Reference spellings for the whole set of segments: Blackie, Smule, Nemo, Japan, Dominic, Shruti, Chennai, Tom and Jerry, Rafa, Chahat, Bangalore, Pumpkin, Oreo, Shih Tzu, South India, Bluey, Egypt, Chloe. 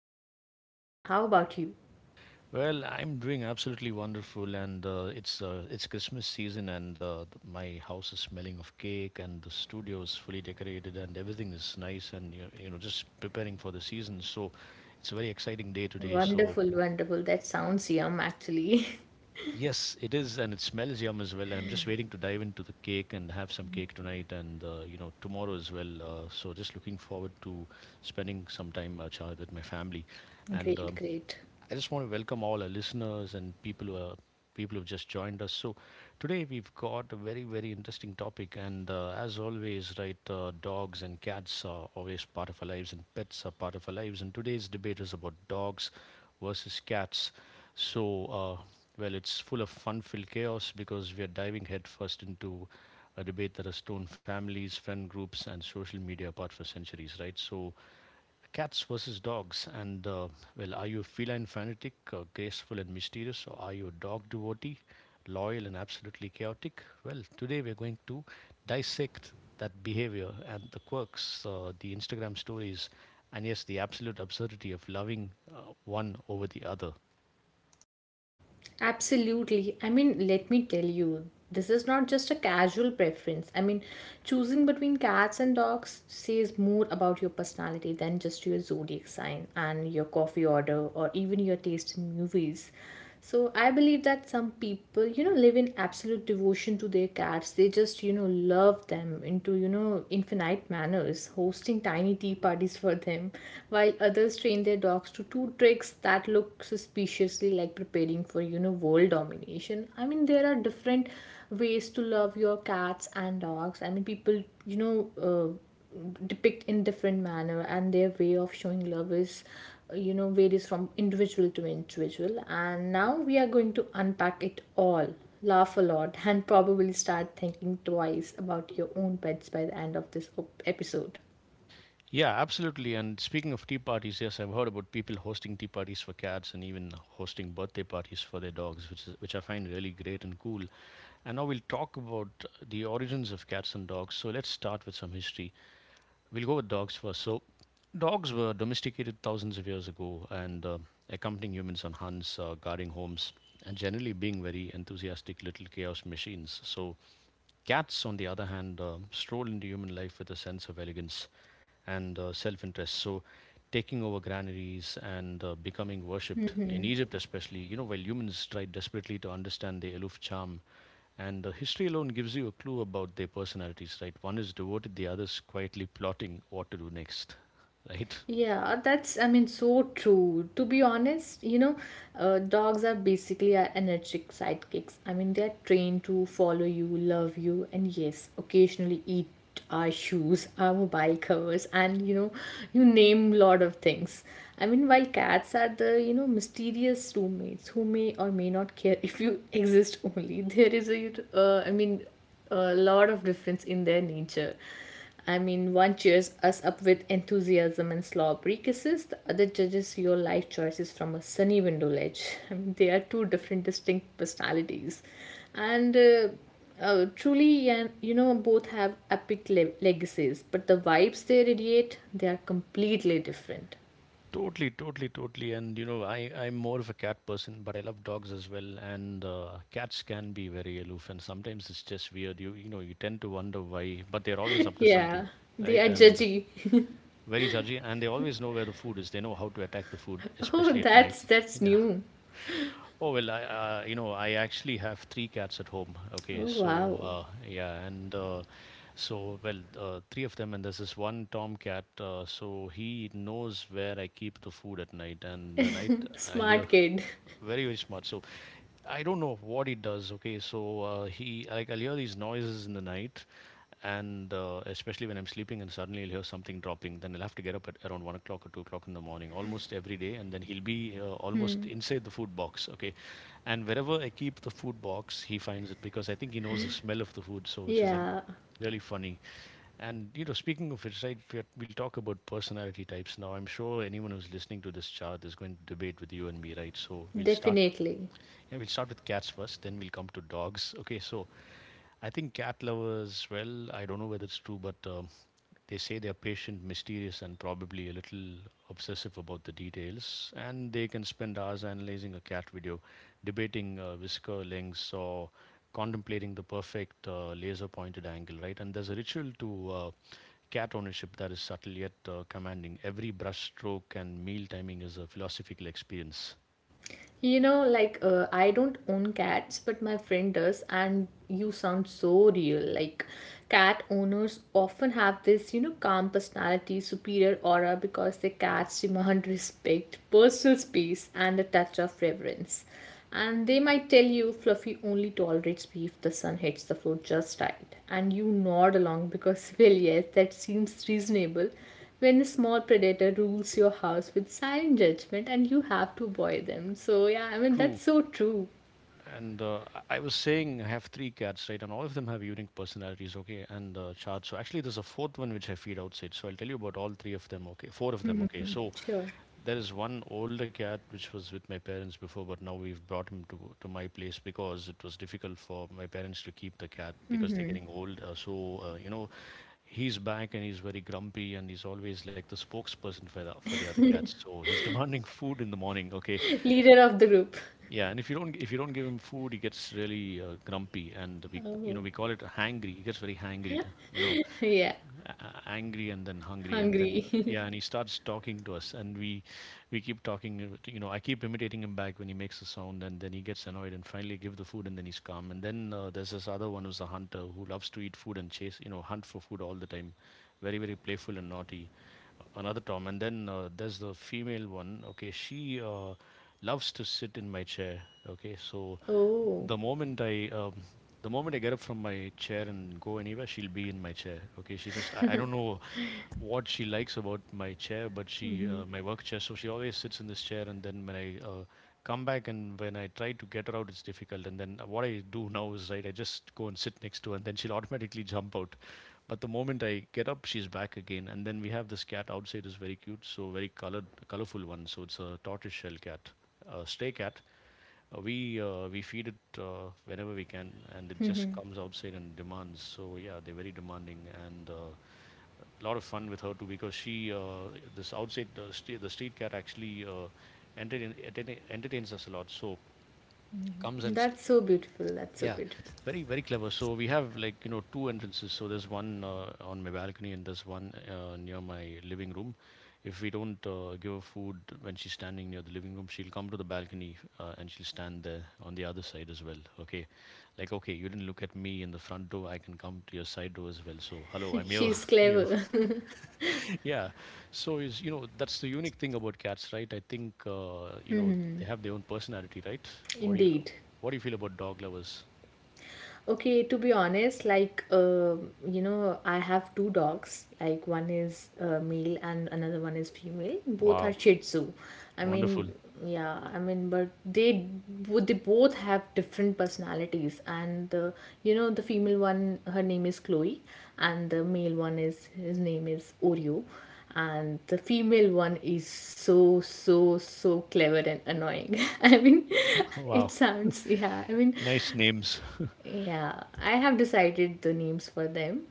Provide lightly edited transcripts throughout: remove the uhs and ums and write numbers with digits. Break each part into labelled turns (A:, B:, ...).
A: well. I mean, how about you?
B: Well, I'm doing absolutely wonderful, and it's Christmas season, and my house is smelling of cake, and the studio is fully decorated, and everything is nice, and just preparing for the season. So, it's a very exciting day today. So,
A: Wonderful, wonderful. That sounds yum, actually.
B: yes, it is, and it smells yum as well. And I'm just waiting to dive into the cake and have some cake tonight and tomorrow as well. So just looking forward to spending some time, Chad, with my family. And
A: Great, great.
B: I just want to welcome all our listeners and people who've just joined us. So today we've got a very interesting topic, and as always, right, dogs and cats are always part of our lives, and pets are part of our lives. And today's debate is about dogs versus cats. So uh, well, it's full of fun-filled chaos because we are diving headfirst into a debate that has torn families, friend groups, and social media apart for centuries, right? So cats versus dogs, and Well, are you a feline fanatic, graceful and mysterious, or are you a dog devotee, loyal and absolutely chaotic? Well, today we're going to dissect that behavior and the quirks, the Instagram stories, and yes, the absolute absurdity of loving one over the other.
A: Absolutely. I mean, let me tell you, this is not just a casual preference. I mean, choosing between cats and dogs says more about your personality than just your zodiac sign and your coffee order or even your taste in movies. So, I believe that some people, you know, live in absolute devotion to their cats. They just, you know, love them into, you know, infinite manners, hosting tiny tea parties for them, while others train their dogs to two tricks that look suspiciously like preparing for, you know, world domination. I mean, there are different ways to love your cats and dogs. I mean, people, depict in different manner, and their way of showing love is, you know, varies from individual to individual. And now we are going to unpack it all, laugh a lot, and probably start thinking twice about your own pets by the end of this episode.
B: Yeah, absolutely. And speaking of tea parties, yes, I've heard about people hosting tea parties for cats and even hosting birthday parties for their dogs, which I find really great and cool. And now we'll talk about the origins of cats and dogs. So let's start with some history. We'll go with dogs first. So dogs were domesticated thousands of years ago and accompanying humans on hunts, guarding homes, and generally being very enthusiastic little chaos machines. So cats, on the other hand, stroll into human life with a sense of elegance and self-interest. So taking over granaries and becoming worshipped in
A: Mm-hmm.
B: Egypt, especially, you know, while humans tried desperately to understand the aloof charm, and the history alone gives you a clue about their personalities, right? One is devoted, the other's quietly plotting what to do next, right?
A: Yeah, that's, I mean, so true. To be honest, dogs are basically our energetic sidekicks. I mean, they're trained to follow you, love you, and yes, occasionally eat our shoes, our mobile covers, and you know, you name lot of things. I mean, while cats are the, you know, mysterious roommates who may or may not care if you exist only, there is a, I mean, a lot of difference in their nature. I mean, one cheers us up with enthusiasm and slobbery kisses, the other judges your life choices from a sunny window ledge. I mean, they are two different, distinct personalities. And Truly, and you know, both have epic legacies, but the vibes they radiate, they are completely different.
B: Totally, totally, totally. And you know, I'm more of a cat person, but I love dogs as well. And cats can be very aloof, and sometimes it's just weird. You tend to wonder why, but they're always up to something,
A: Yeah, they
B: right?
A: are
B: And
A: judgy.
B: very judgy, and they always know where the food is. They know how to attack the food,
A: Oh,
B: especially at
A: that's
B: night. Yeah.
A: new.
B: Oh well, I I actually have three cats at home. Okay,
A: Oh,
B: so
A: wow.
B: three of them, and there's this one tomcat. So he knows where I keep the food at night, and the night I hear
A: Smart kid.
B: very very smart. So I don't know what he does. Okay, so he like I'll hear these noises in the night, and especially when I'm sleeping and suddenly he'll hear something dropping, then he'll have to get up at around 1 o'clock or 2 o'clock in the morning, almost every day, and then he'll be almost inside the food box. Okay, and wherever I keep the food box, he finds it because I think he knows the smell of the food, which is
A: Yeah,
B: really funny. And you know, speaking of which, right, we'll talk about personality types now. I'm sure anyone who's listening to this chart is going to debate with you and me, right? So we'll start
A: definitely.
B: yeah, we'll start with cats first, then we'll come to dogs. Okay, so I think cat lovers, well, I don't know whether it's true, but they say they're patient, mysterious, and probably a little obsessive about the details. And they can spend hours analyzing a cat video, debating whisker lengths, or contemplating the perfect laser pointed angle, right? And there's a ritual to cat ownership that is subtle yet commanding. Every brush stroke and meal timing is a philosophical experience.
A: You know, I don't own cats, but my friend does, and you sound so real. Like cat owners often have this, you know, calm personality, superior aura because their cats demand respect, personal space, and a touch of reverence. And they might tell you Fluffy only tolerates me if the sun hits the floor just right. And you nod along because, well, yes, that seems reasonable when a small predator rules your house with silent judgment and you have to buy them. So, yeah, I mean,
B: True.
A: that's so true.
B: And I was saying I have three cats, right? And all of them have unique personalities, okay? And charts. So actually, there's a fourth one which I feed outside. So I'll tell you about all three of them, okay? Four of them, okay? So
A: Sure.
B: there is one older cat which was with my parents before, but now we've brought him to my place because it was difficult for my parents to keep the cat because they're
A: Hmm.
B: getting old. Uh, you know, he's back and he's very grumpy and he's always like the spokesperson for the other cats. So he's demanding food in the morning, okay?
A: Leader of the group.
B: Yeah, and if you don't give him food, he gets really grumpy, and we you
A: Oh,
B: know we call it hangry. He gets very hangry,
A: yeah,
B: angry and then hungry, and then
A: hungry.
B: yeah, and he starts talking to us, and we keep talking. I keep imitating him back when he makes a sound, and then he gets annoyed, and finally give the food, and then he's calm. And then there's this other one who's a hunter who loves to eat food and chase, you know, hunt for food all the time, very very playful and naughty, another Tom, and then there's the female one. Okay, she loves to sit in my chair. Okay, so
A: Oh,
B: the moment I um, the moment I get up from my chair and go anywhere, she'll be in my chair. Okay, I don't know what she likes about my chair, but she my work chair. So she always sits in this chair, and then when I come back and when I try to get her out, it's difficult. And then what I do now is right, I just go and sit next to her, and then she'll automatically jump out. But the moment I get up, she's back again. And then we have this cat outside is very cute, so very colored, colorful one. So it's a tortoise shell cat, a stray cat. We we feed it whenever we can, and it just comes outside and demands. So yeah, they're very demanding, and a lot of fun with her too because she this outside the street cat actually entertains us a lot. So comes and
A: that's so beautiful. That's so
B: yeah,
A: beautiful.
B: very, very clever. So we have like, you know, two entrances. So there's one on my balcony and there's one near my living room. If we don't give her food when she's standing near the living room, she'll come to the balcony and she'll stand there on the other side as well. Okay. Like, okay, you didn't look at me in the front door. I can come to your side door as well. So, hello, I'm here.
A: She's
B: you know,
A: clever.
B: yeah. That's the unique thing about cats, right? I think they have their own personality, right? What do you,
A: Indeed.
B: what do you feel about dog lovers?
A: Okay, to be honest, you know, I have two dogs. Like one is male and another one is female. Both are Shih Tzu. I
B: Wonderful.
A: mean, yeah, I mean, but they both have different personalities. And the You know, the female one, her name is Chloe, and the male one is his name is Oreo, and the female one is so so so clever and annoying. I mean, it
B: Wow.
A: sounds yeah. I mean,
B: Nice names.
A: yeah, I have decided the names for them.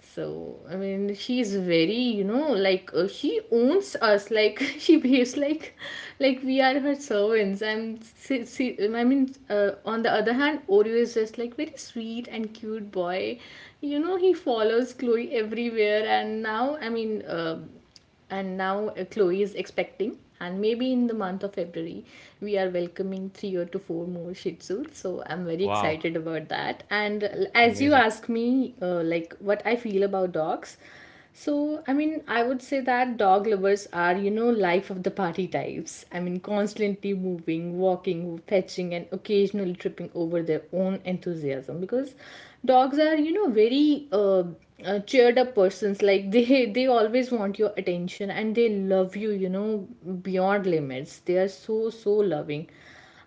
A: So, I mean, she's very, you know, she owns us. Like, she behaves like we are her servants. I'm, see, see, I mean, On the other hand, Oreo is just like very sweet and cute boy. You know, he follows Chloe everywhere, and now Chloe is expecting, and maybe in the month of February, we are welcoming three or to four more Shih Tzus. So I'm very
B: Wow.
A: excited about that. And As you
B: Amazing.
A: ask me, like what I feel about dogs, so I mean, I would say that dog lovers are, you know, life of the party types. I mean, constantly moving, walking, fetching, and occasionally tripping over their own enthusiasm because dogs are, you know, very. Cheered up persons like they they always want your attention, and they love you, you know, beyond limits. They are so so loving,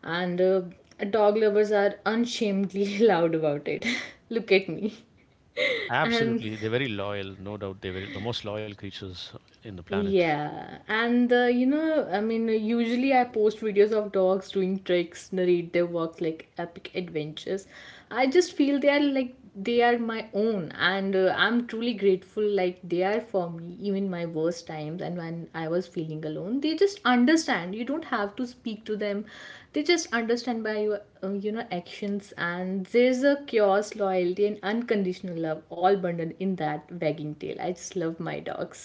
A: and dog lovers are unshamedly loud about it. Look at me. and
B: Absolutely. They're very loyal. No doubt they're very, the most loyal creatures in the planet.
A: Yeah, and you know, I mean, usually I post videos of dogs doing tricks, narrate their work like epic adventures. I just feel they are like they are my own, and I'm truly grateful. Like they are for me, even my worst times, and when I was feeling alone, they just understand. You don't have to speak to them; they just understand by your, you know, actions. And there's a chaos, loyalty, and unconditional love all bundled in that wagging tail. I just love my dogs.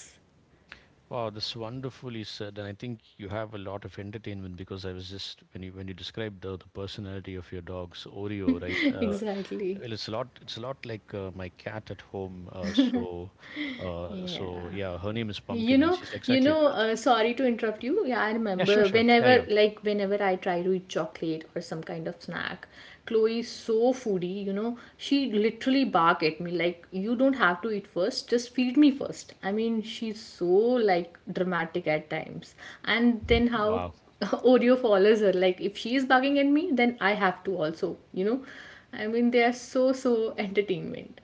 B: Wow, this wonderfully said, and I think you have a lot of entertainment because I was just when you described the personality of your dogs, Oreo, right?
A: Exactly.
B: Well, it's a lot. It's a lot like my cat at home. So yeah,
A: Yeah,
B: her name is
A: you
B: Pumpkin,
A: know,
B: and she's exactly like that.
A: sorry to interrupt you. Yeah, I
B: Yeah, sure,
A: remember
B: sure.
A: whenever,
B: Carry on.
A: like whenever I try to eat chocolate or some kind of snack, Chloe is so foodie, you know. She literally bark at me like you don't have to eat first, just feed me first. I mean, she's so like dramatic at times. And then how
B: Wow.
A: Oreo follows her. Like if she is bugging at me, then I have to also. You know, I mean they are so so entertainment.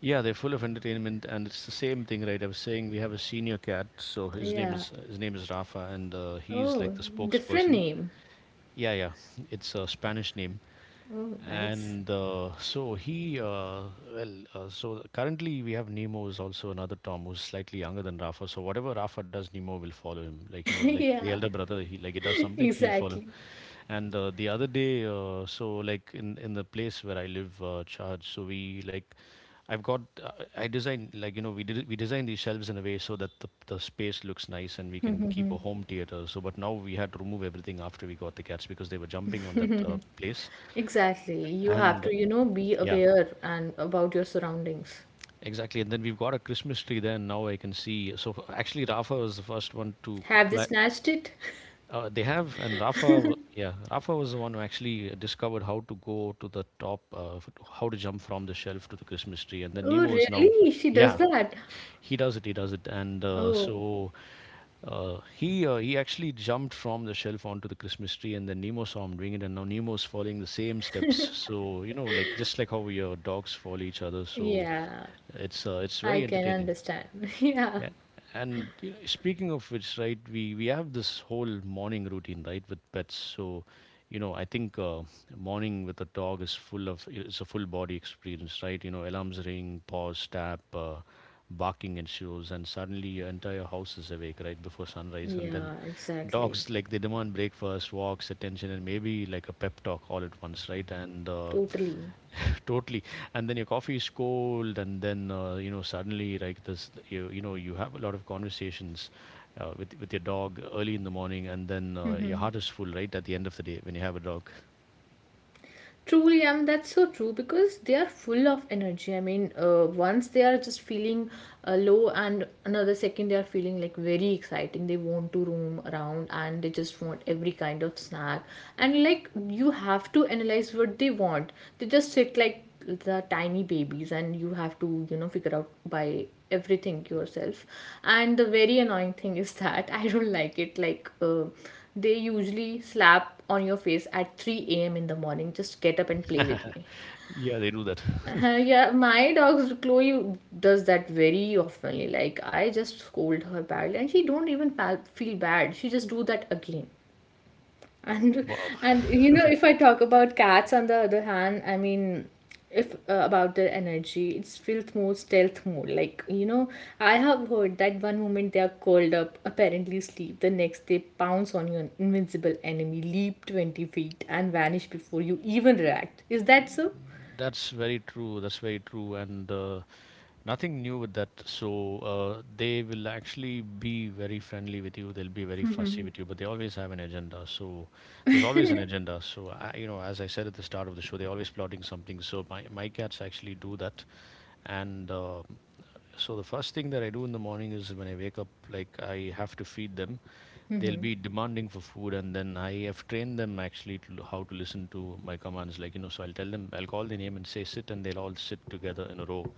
B: Yeah, they're full of entertainment, and it's the same thing, right? I was saying we have a senior cat, so his name
A: Yeah,
B: is his name is Rafa, and he's like
A: oh,
B: the
A: different
B: spokesperson.
A: name.
B: Yeah, yeah, it's a Spanish name,
A: Oh, nice.
B: and so currently we have Nemo is also another Tom who's slightly younger than Rafa. So whatever Rafa does, Nemo will follow him. Like you know, like the
A: Yeah,
B: elder brother, he does something, he'll follow.
A: exactly.
B: And the other day, in the place where I live, charge. So we like I've got I designed like you know we designed these shelves in a way so that the space looks nice and we can keep a home theater. So but now we had to remove everything after we got the cats because they were jumping on that place
A: Exactly. You have
B: and
A: to, you know, be
B: yeah.
A: aware and about your surroundings.
B: Exactly, and then we've got a Christmas tree there and now I can see so actually Rafa was the first one to
A: Have they
B: cli-
A: snatched it?
B: They have, and Rafa, yeah, Rafa was the one who actually discovered how to go to the top, f- how to jump from the shelf to the Christmas tree, and then
A: Oh,
B: Nemo is now,
A: really? She does
B: yeah,
A: that.
B: he does it, and
A: Oh,
B: he actually jumped from the shelf onto the Christmas tree, and then Nemo saw him doing it, and now Nemo is following the same steps. So you know, like just like how your dogs follow each other, so
A: yeah.
B: it's
A: I
B: very
A: can
B: entertaining.
A: understand. Yeah.
B: Yeah. And you know, speaking of which, right, we have this whole morning routine, right, with pets. So, you know, I think morning with a dog is full of it's a full body experience, right? You know, alarms ring, paws tap, barking ensues, and suddenly your entire house is awake, right, before sunrise. And
A: Yeah,
B: then
A: exactly.
B: dogs like they demand breakfast, walks, attention, and maybe like a pep talk all at once, right? And
A: Totally.
B: totally. And then your coffee is cold, and then you know suddenly like this, you know you have a lot of conversations with your dog early in the morning, and then your heart is full right at the end of the day when you have a dog.
A: Truly, that's so true because they are full of energy. I mean, once they are just feeling low, and another second they are feeling like very exciting. They want to roam around, and they just want every kind of snack. And like, you have to analyze what they want. They just sit like the tiny babies, and you have to, you know, figure out by everything yourself. And the very annoying thing is that I don't like it. They usually slap on your face at 3 a.m. in the morning. Just get up and play with me.
B: Yeah, they do that.
A: Yeah, my dog Chloe does that very oftenly. Like I just scold her badly, and she don't even feel bad. She just do that again. And
B: Wow,
A: and you know, if I talk about cats on the other hand, I mean, if about their energy, it's feels more stealth mode. Like you know, I have heard that one moment they are curled up, apparently asleep. The next they pounce on your invincible enemy, leap 20 feet, and vanish before you even react. Is that so?
B: that's very true. That's very true. And nothing new with that. So they will actually be very friendly with you. They'll be very fussy with you, but they always have an agenda. So there's always an agenda. So I, you know, as I said at the start of the show, they're always plotting something. So my cats actually do that, and the first thing that I do in the morning is when I wake up, like I have to feed them. They'll be demanding for food, and then I have trained them actually to how to listen to my commands. Like you know, so I'll tell them, I'll call their name and say sit, and they'll all sit together in a row.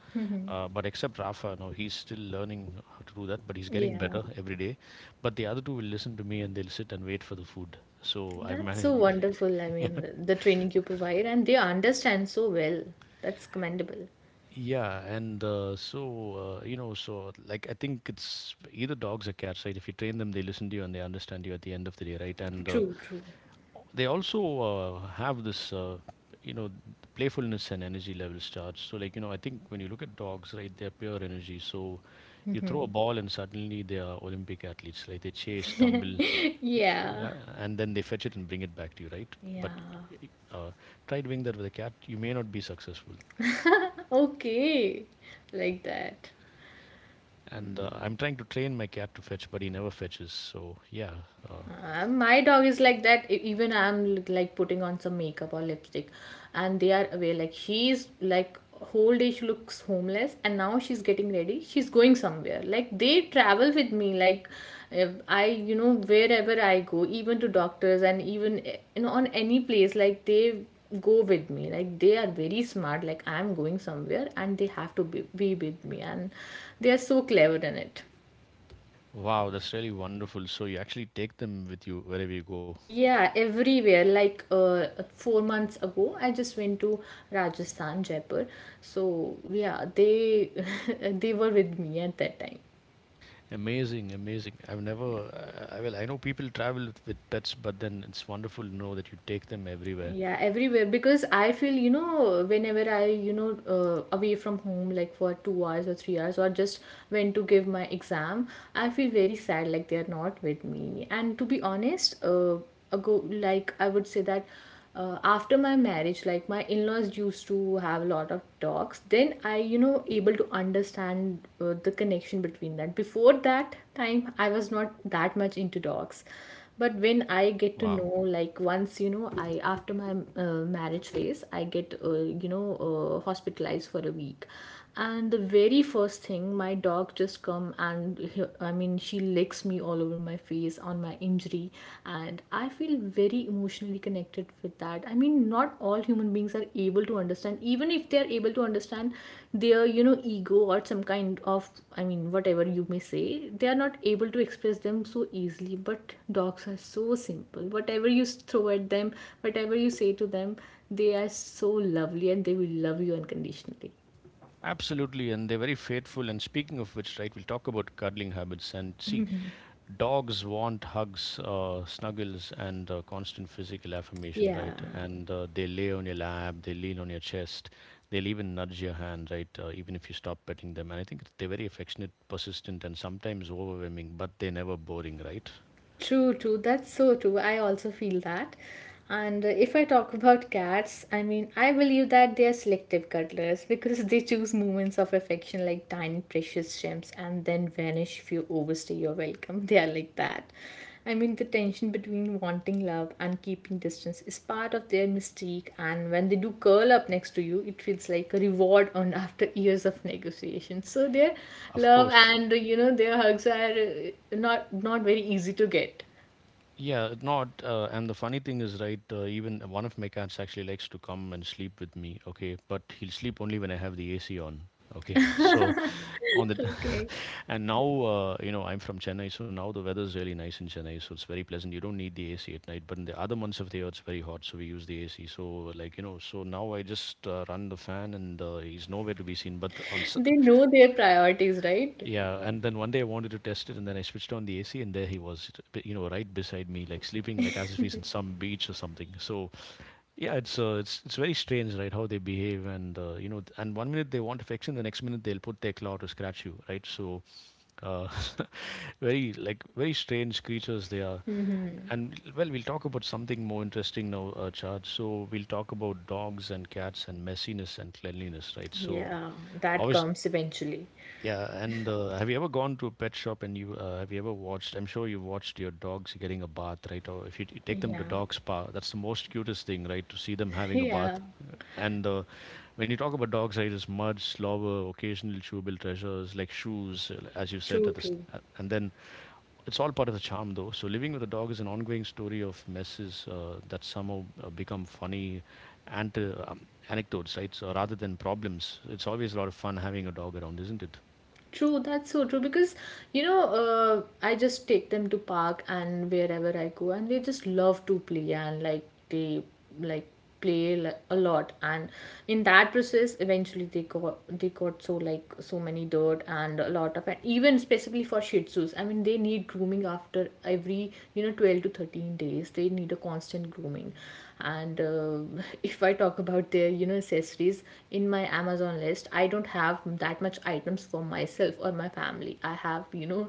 B: But except Rafa, no, he's still learning how to do that, but he's getting
A: Yeah,
B: better every day. But the other two will listen to me and they'll sit and wait for the food. So I've
A: that's so
B: managed.
A: wonderful. I mean,
B: Yeah.
A: the training you provide, and they understand so well. That's commendable.
B: Yeah, and you know, so like I think it's either dogs or cats, right? If you train them, they listen to you and they understand you at the end of the day, right? And
A: True, true.
B: they also have this, you know, playfulness and energy levels charge. So like you know, I think when you look at dogs, right, they're pure energy. So you throw a ball and suddenly they are Olympic athletes, right? They chase, tumble,
A: Yeah,
B: yeah, and then they fetch it and bring it back to you, right? But
A: yeah.
B: uh, try doing that with a cat, you may not be successful.
A: Okay, like that.
B: And I'm trying to train my cat to fetch, but he never fetches. So yeah, uh,
A: My dog is like that. Even I'm like putting on some makeup or lipstick, and they are away. Like she's like whole day she looks homeless, and now she's getting ready. She's going somewhere. Like they travel with me. Like if I, you know, wherever I go, even to doctors and even, you know, on any place, like they go with me. Like they are very smart, like I'm going somewhere, and they have to be with me, and they are so clever in it.
B: wow, that's really wonderful. So you actually take them with you wherever you go.
A: Yeah, everywhere. 4 months ago, I just went to Rajasthan, Jaipur. So yeah, they they were with me at that time.
B: Amazing, amazing. I've never, I well, I know people travel with pets, but then it's wonderful to know that you take them everywhere.
A: Yeah, everywhere, because I feel, you know, whenever I, you know, away from home like for 2 hours or 3 hours, or just went to give my exam, I feel very sad, like they are not with me. And to be honest, ago like I would say that, after my marriage, like my in-laws used to have a lot of talks, then I, you know, able to understand, the connection between that. Before that time, I was not that much into dogs, but when I get to
B: Wow.
A: know, like once you know, I after my marriage phase, I get, you know, hospitalized for a week. And the very first thing, my dog just come, and I mean she licks me all over my face on my injury, and I feel very emotionally connected with that. I mean, not all human beings are able to understand, even if they are able to understand, their, you know, ego or some kind of, I mean, whatever you may say, they are not able to express them so easily. But dogs are so simple. Whatever you throw at them, whatever you say to them, they are so lovely, and they will love you unconditionally.
B: Absolutely, and they're very faithful. And speaking of which, right, we'll talk about cuddling habits and see dogs want hugs, snuggles, and constant physical affirmation,
A: Yeah,
B: right? And they lay on your lap, they lean on your chest, they'll even nudge your hand, right? Even if you stop petting them. And I think it's- they're very affectionate, persistent, and sometimes overwhelming, but they're never boring, right?
A: true, true. That's so true. I also feel that. And If I talk about cats, I mean, I believe that they are selective cuddlers because they choose moments of affection like tiny precious gems and then vanish if you overstay your welcome. They are like that. I mean, the tension between wanting love and keeping distance is part of their mystique, and when they do curl up next to you, it feels like a reward earned after years of negotiation. So their
B: Of
A: love
B: course.
A: and their hugs are not very easy to get.
B: Yeah, not. And the funny thing is, right, even one of my cats actually likes to come and sleep with me, okay? But he'll sleep only when I have the AC on, okay? So on the
A: Okay,
B: and now, you know, I'm from Chennai, so now the weather is really nice in Chennai, so it's very pleasant. You don't need the AC at night, but in the other months of the year, it's very hot, so we use the AC. So, like, you know, so now I just run the fan and he's nowhere to be seen. But on s-
A: they know their priorities, right?
B: yeah, and then one day I wanted to test it, and then I switched on the AC, and there he was, you know, right beside me, like sleeping, like as if he's in some beach or something. So, yeah, it's very strange, right? How they behave, and you know, th- and one minute they want affection, the next minute they'll put their claw to scratch you, right? So, uh, very like very strange creatures they are.
A: Mhm.
B: And well, we'll talk about something more interesting now, Chad. So we'll talk about dogs and cats and messiness and cleanliness, right? So,
A: Yeah, that
B: obviously.
A: comes eventually.
B: Yeah, and have you ever gone to a pet shop and you have you ever watched? I'm sure you've watched your dogs getting a bath, right? Or if you take them to
A: Yeah,
B: dog spa, that's the most cutest thing, right? To see them having a bath.
A: yeah,
B: And when you talk about dogs, right, it's mud, slobber, occasional chewable treasures like shoes, as you said.
A: true,
B: At the st-
A: true.
B: and then it's all part of the charm, though. So living with a dog is an ongoing story of messes that somehow become funny anecdotes, right? So rather than problems, it's always a lot of fun having a dog around, isn't it?
A: True, that's so true because I just take them to park and wherever I go and they just love to play and like they like a lot and in that process eventually they got so like so many dirt and a lot of and even specifically for shih tzus, I mean they need grooming after every, you know, 12 to 13 days. They need a constant grooming. And If I talk about their, you know, accessories, in my Amazon list I don't have that much items for myself or my family. I have, you know,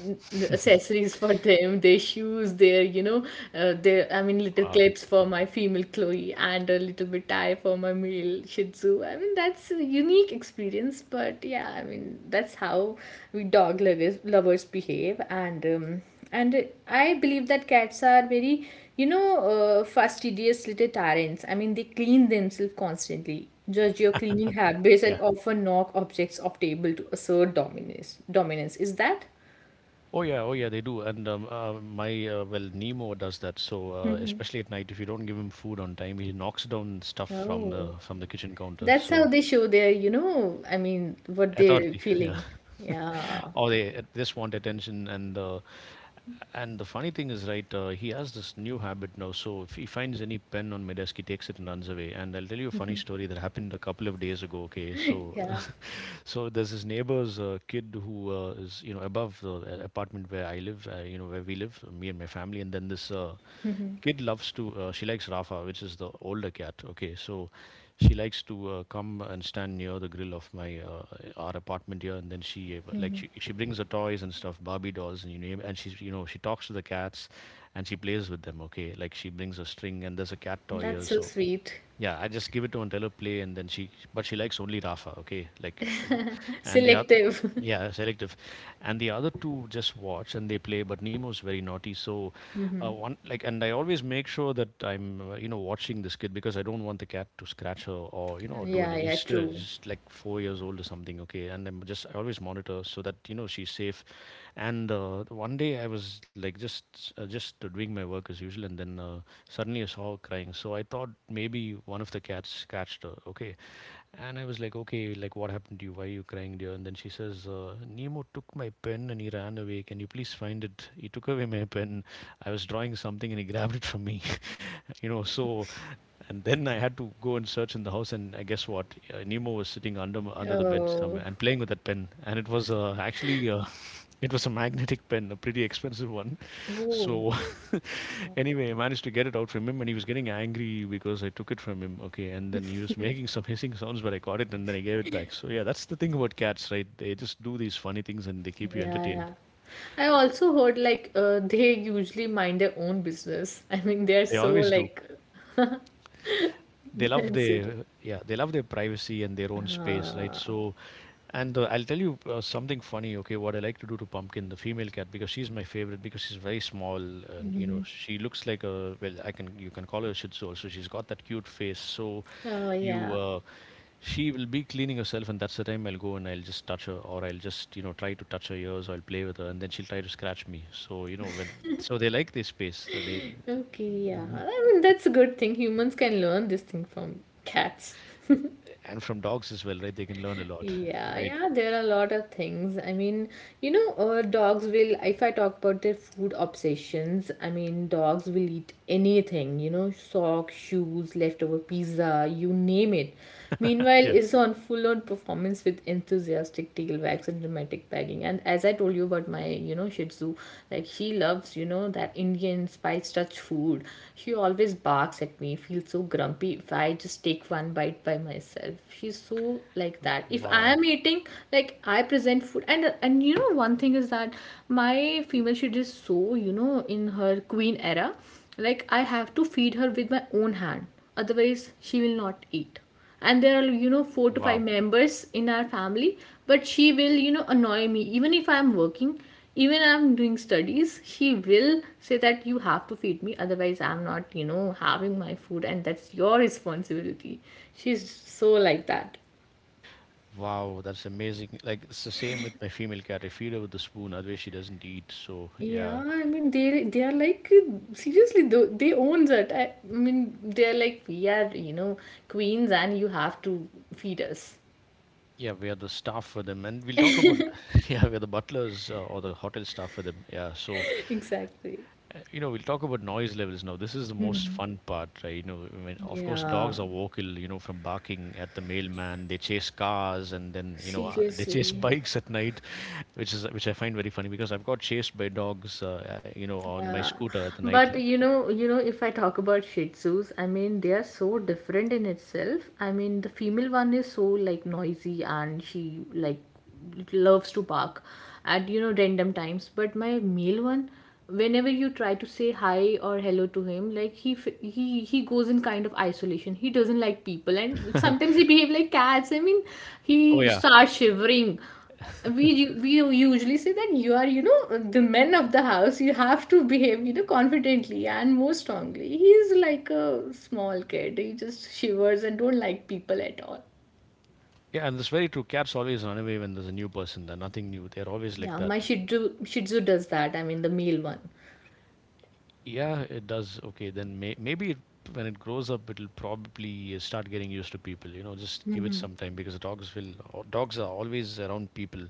A: accessories for them, their shoes, their their, I mean, little
B: Wow.
A: clips for my female Chloe and a little bit tie for my male shih tzu. I mean that's a unique experience, but yeah, I mean that's how we dog lovers behave. And I believe that cats are very you know fastidious little tyrants. I mean they clean themselves constantly, judge your cleaning habits,
B: Yeah.
A: and often knock objects off table to assert dominance. Is that
B: Oh yeah. Oh yeah. They do. And my well, Nemo does that. So especially at night, if you don't give him food on time, he knocks down stuff
A: oh
B: from the kitchen counter.
A: that's how
B: So
A: they show their I mean what they're
B: authority. Yeah.
A: feeling? Yeah,
B: Or they just want attention and and the funny thing is right, he has this new habit now, so if he finds any pen on my desk he takes it and runs away, and I'll tell you a funny story that happened a couple of days ago. Okay, so
A: yeah,
B: so there's this neighbor's kid who is you know above the apartment where I live, you know where we live, me and my family, and then this kid loves to, she likes Rafa, which is the older cat. Okay, so she likes to come and stand near the grill of my our apartment here, and then she she brings her toys and stuff, Barbie dolls and you name, and she's you know she talks to the cats, and she plays with them. Okay, like she brings a string, and there's a cat toy
A: that's
B: here,
A: so
B: so.
A: sweet.
B: Yeah, I just give it to Antella play, and then she. But she likes only Rafa. Okay, like, and the other.
A: Selective.
B: Yeah, selective, and the other two just watch and they play. But Nemo's very naughty, so one like, and I always make sure that I'm you know watching this kid because I don't want the cat to scratch her or you know do
A: Yeah,
B: anything.
A: yeah,
B: She's still
A: true.
B: just like 4 years old or something, okay? And I always monitor so that you know she's safe. And one day I was like just doing my work as usual, and then suddenly I saw her crying. So I thought maybe one of the cats catched her. Okay, and I was like, okay, like what happened to you? Why are you crying, dear? And then she says, Nemo took my pen and he ran away. Can you please find it? He took away my pen. I was drawing something and he grabbed it from me. You know, so and then I had to go and search in the house, and I guess what? Nemo was sitting under under the bed
A: Oh,
B: somewhere and playing with that pen. And it was actually it was a magnetic pen, a pretty expensive one.
A: oh.
B: So anyway, I managed to get it out from him, and he was getting angry because I took it from him. Okay, and then he was making some hissing sounds, but I caught it, and then I gave it back. So yeah, that's the thing about cats, right? They just do these funny things, and they keep you
A: Yeah, yeah.
B: entertained.
A: I also heard like they usually mind their own business. I mean, they're
B: They
A: so
B: always do.
A: like
B: They love
A: that's it.
B: their they love their privacy and their own space, right?
A: Uh,
B: So. And I'll tell you something funny, okay, what I like to do to Pumpkin, the female cat, because she's my favorite, because she's very small and, you know, she looks like a, well, I can, you can call her a Shih Tzu also. She's got that cute face. So
A: oh
B: you,
A: yeah.
B: uh, she will be cleaning herself, and that's the time I'll go and I'll just touch her, or I'll just, you know, try to touch her ears, or I'll play with her, and then she'll try to scratch me. So, you know, when, so they like this space that they,
A: Okay, yeah. I mean, that's a good thing. Humans can learn this thing from cats.
B: and from dogs as well, right? They can learn a lot,
A: Yeah,
B: right?
A: yeah, there are a lot of things. I mean, dogs will, if I talk about their food obsessions, I mean, dogs will eat anything, you know, socks, shoes, leftover pizza, you name it. Meanwhile,
B: Yeah.
A: is on full-on performance with enthusiastic tailwags and dramatic bagging. And as I told you about my, you know, Shih Tzu, like she loves, you know, that Indian spice touch food. She always barks at me, feels so grumpy if I just take one bite by myself. She's so like that. If I
B: Wow.
A: am eating like I present food, and you know one thing is that my female, she is so, you know, in her queen era, like I have to feed her with my own hand, otherwise she will not eat. And there are, you know, four to five
B: Wow.
A: members in our family, but she will, you know, annoy me even if I'm working, even I'm doing studies. She will say that you have to feed me, otherwise I'm not, you know, having my food, and that's your responsibility. She's so like that.
B: Wow, that's amazing. Like it's the same with my female cat. I feed her with a spoon, otherwise she doesn't eat. So yeah,
A: Yeah, I mean they are like seriously though, they owns it. I mean they are like we are, you know, queens and you have to feed us.
B: yeah, we are the staff for them, and we'll talk about. Yeah, we're the butlers, or the hotel staff for them. Yeah, so
A: Exactly.
B: you know we'll talk about noise levels now. This is the most fun part, right? You know, I mean, of course,
A: Yeah,
B: dogs are vocal. You know, from barking at the mailman, they chase cars, and then you know they chase
A: seriously.
B: bikes at night, which is which I find very funny because I've got chased by dogs, you know, on my
A: Yeah,
B: scooter at the night.
A: but you know, if I talk about Shih Tzus, I mean they are so different in itself. I mean the female one is so like noisy and she like loves to bark at, you know, random times, but my male one, whenever you try to say hi or hello to him, like he f- he goes in kind of isolation. He doesn't like people, and sometimes he behave like cats. I mean,
B: Oh
A: he
B: yeah.
A: starts shivering. We usually say that you are, you know, the men of the house, you have to behave, you know, confidently and more strongly. He's like a small kid, he just shivers and don't like people at all.
B: Yeah, and that's very true. Cats always run away when there's a new person. They're nothing new. They're always like
A: Yeah, my
B: that.
A: shih tzu does that. I mean the male one.
B: Yeah, it does. Okay, then maybe when it grows up, it'll probably start getting used to people. You know, just give it some time because dogs will. Dogs are always around people,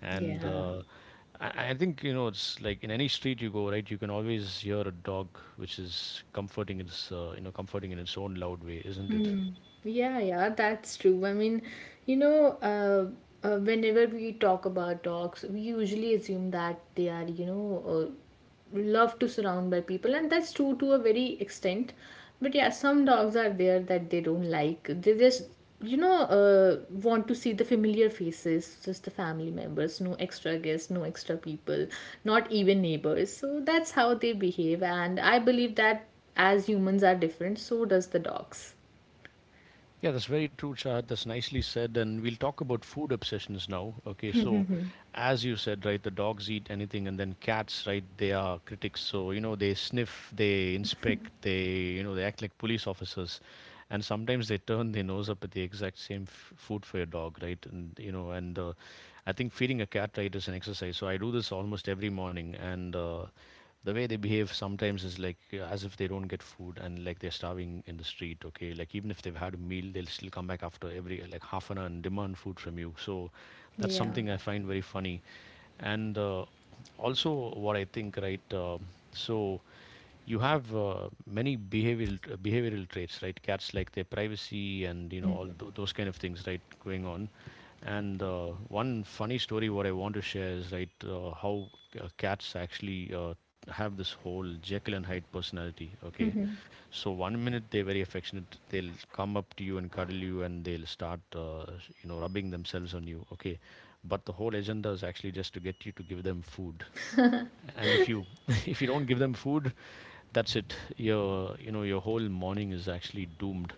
B: and
A: Yeah.
B: I think you know it's like in any street you go, right? You can always hear a dog, which is comforting in its own loud way, isn't it?
A: Yeah, yeah, that's true. I mean, you know, uh, whenever we talk about dogs, we usually assume that they are, loved to surround by people, and that's true to a very extent. But yeah, some dogs are there that they don't like. They just, want to see the familiar faces, just the family members, no extra guests, no extra people, not even neighbors. So that's how they behave, and I believe that as humans are different, so does the dogs.
B: Yeah, that's very true, Chad. That's nicely said. And we'll talk about food obsessions now. Okay, so as you said, right, the dogs eat anything, and then cats, right, they are critics. So, you know, they sniff, they inspect, they, you know, they act like police officers. And sometimes they turn their nose up at the exact same food for your dog, right? And, you know, and I think feeding a cat, right, is an exercise. So I do this almost every morning. And the way they behave sometimes is like as if they don't get food and like they're starving in the street, okay, like even if they've had a meal they'll still come back after every like half an hour and demand food from you. So that's
A: Yeah.
B: something I find very funny. And also what I think, right? So you have many behavioral behavioral traits, right? Cats like their privacy and you know
A: Mhm.
B: all those kind of things, right, going on. And one funny story what I want to share is, right, how cats actually have this whole Jekyll and Hyde personality, okay. So 1 minute they're very affectionate, they'll come up to you and cuddle you, and they'll start you know rubbing themselves on you, okay, but the whole agenda is actually just to get you to give them food. And if you if you don't give them food, that's it. Your you know your whole morning is actually doomed.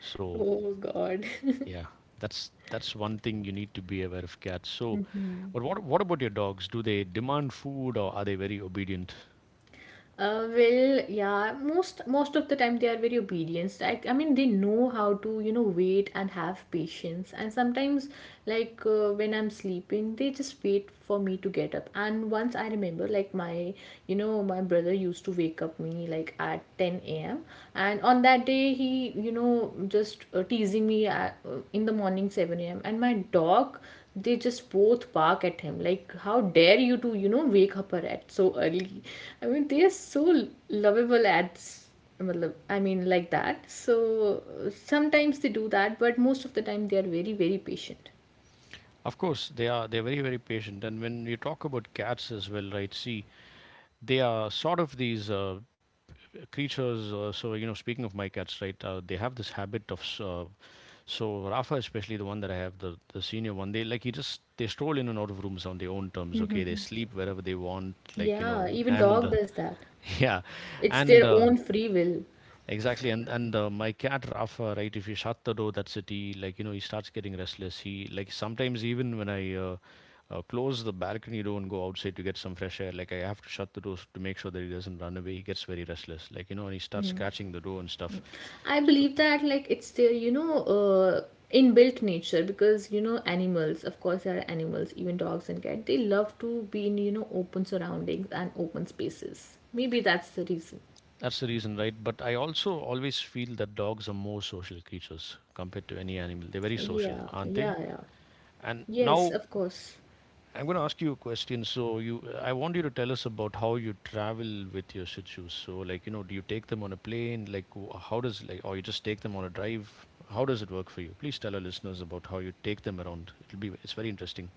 B: So
A: Oh God.
B: yeah, that's one thing you need to be aware of cats. So, but what about your dogs? Do they demand food, or are they very obedient?
A: Well, yeah. Most of the time they are very obedient. Like I mean, they know how to, you know, wait and have patience. And sometimes, like when I'm sleeping, they just wait for me to get up. And once I remember, like my, you know, my brother used to wake up me like at ten a.m. And on that day, he, you know, just teasing me at, in the morning seven a.m. And my dog, they just both bark at him, like how dare you to, you know, wake up her at so early. I mean they are so lovable at I mean like that. So sometimes they do that, but most of the time they are very patient.
B: Of course, they are. They're very, very patient. And when you talk about cats as well, right? See, they are sort of these creatures. So you know, speaking of my cats, right? They have this habit of. So Rafa, especially the one that I have, the senior one, they like he just they stroll in and out of rooms on their own terms. Okay, they sleep wherever they want. Like you
A: Yeah,
B: know.
A: even
B: And
A: dog does that.
B: yeah.
A: It's their
B: and
A: own free will.
B: Exactly, and my cat Rafa, right? If you shut the door, that's it. He starts getting restless. He sometimes even when I close the balcony door and go outside to get some fresh air, like I have to shut the door to make sure that he doesn't run away. He gets very restless, like you know, and he starts scratching the door and stuff.
A: I
B: So
A: believe that like it's their inbuilt nature because, you know, animals, of course, there are animals, even dogs and cats, they love to be in, you know, open surroundings and open spaces. Maybe that's the reason.
B: that's the reason, right? But I also always feel that dogs are more social creatures compared to any animal. They're very social,
A: Yeah,
B: aren't they?
A: yeah, yeah.
B: And
A: Yes,
B: now
A: of course.
B: I'm going to ask you a question. So I want you to tell us about how you travel with your shih tzus. So, like, you know, do you take them on a plane? Like, how does or you just take them on a drive? How does it work for you? Please tell our listeners about how you take them around. It's very interesting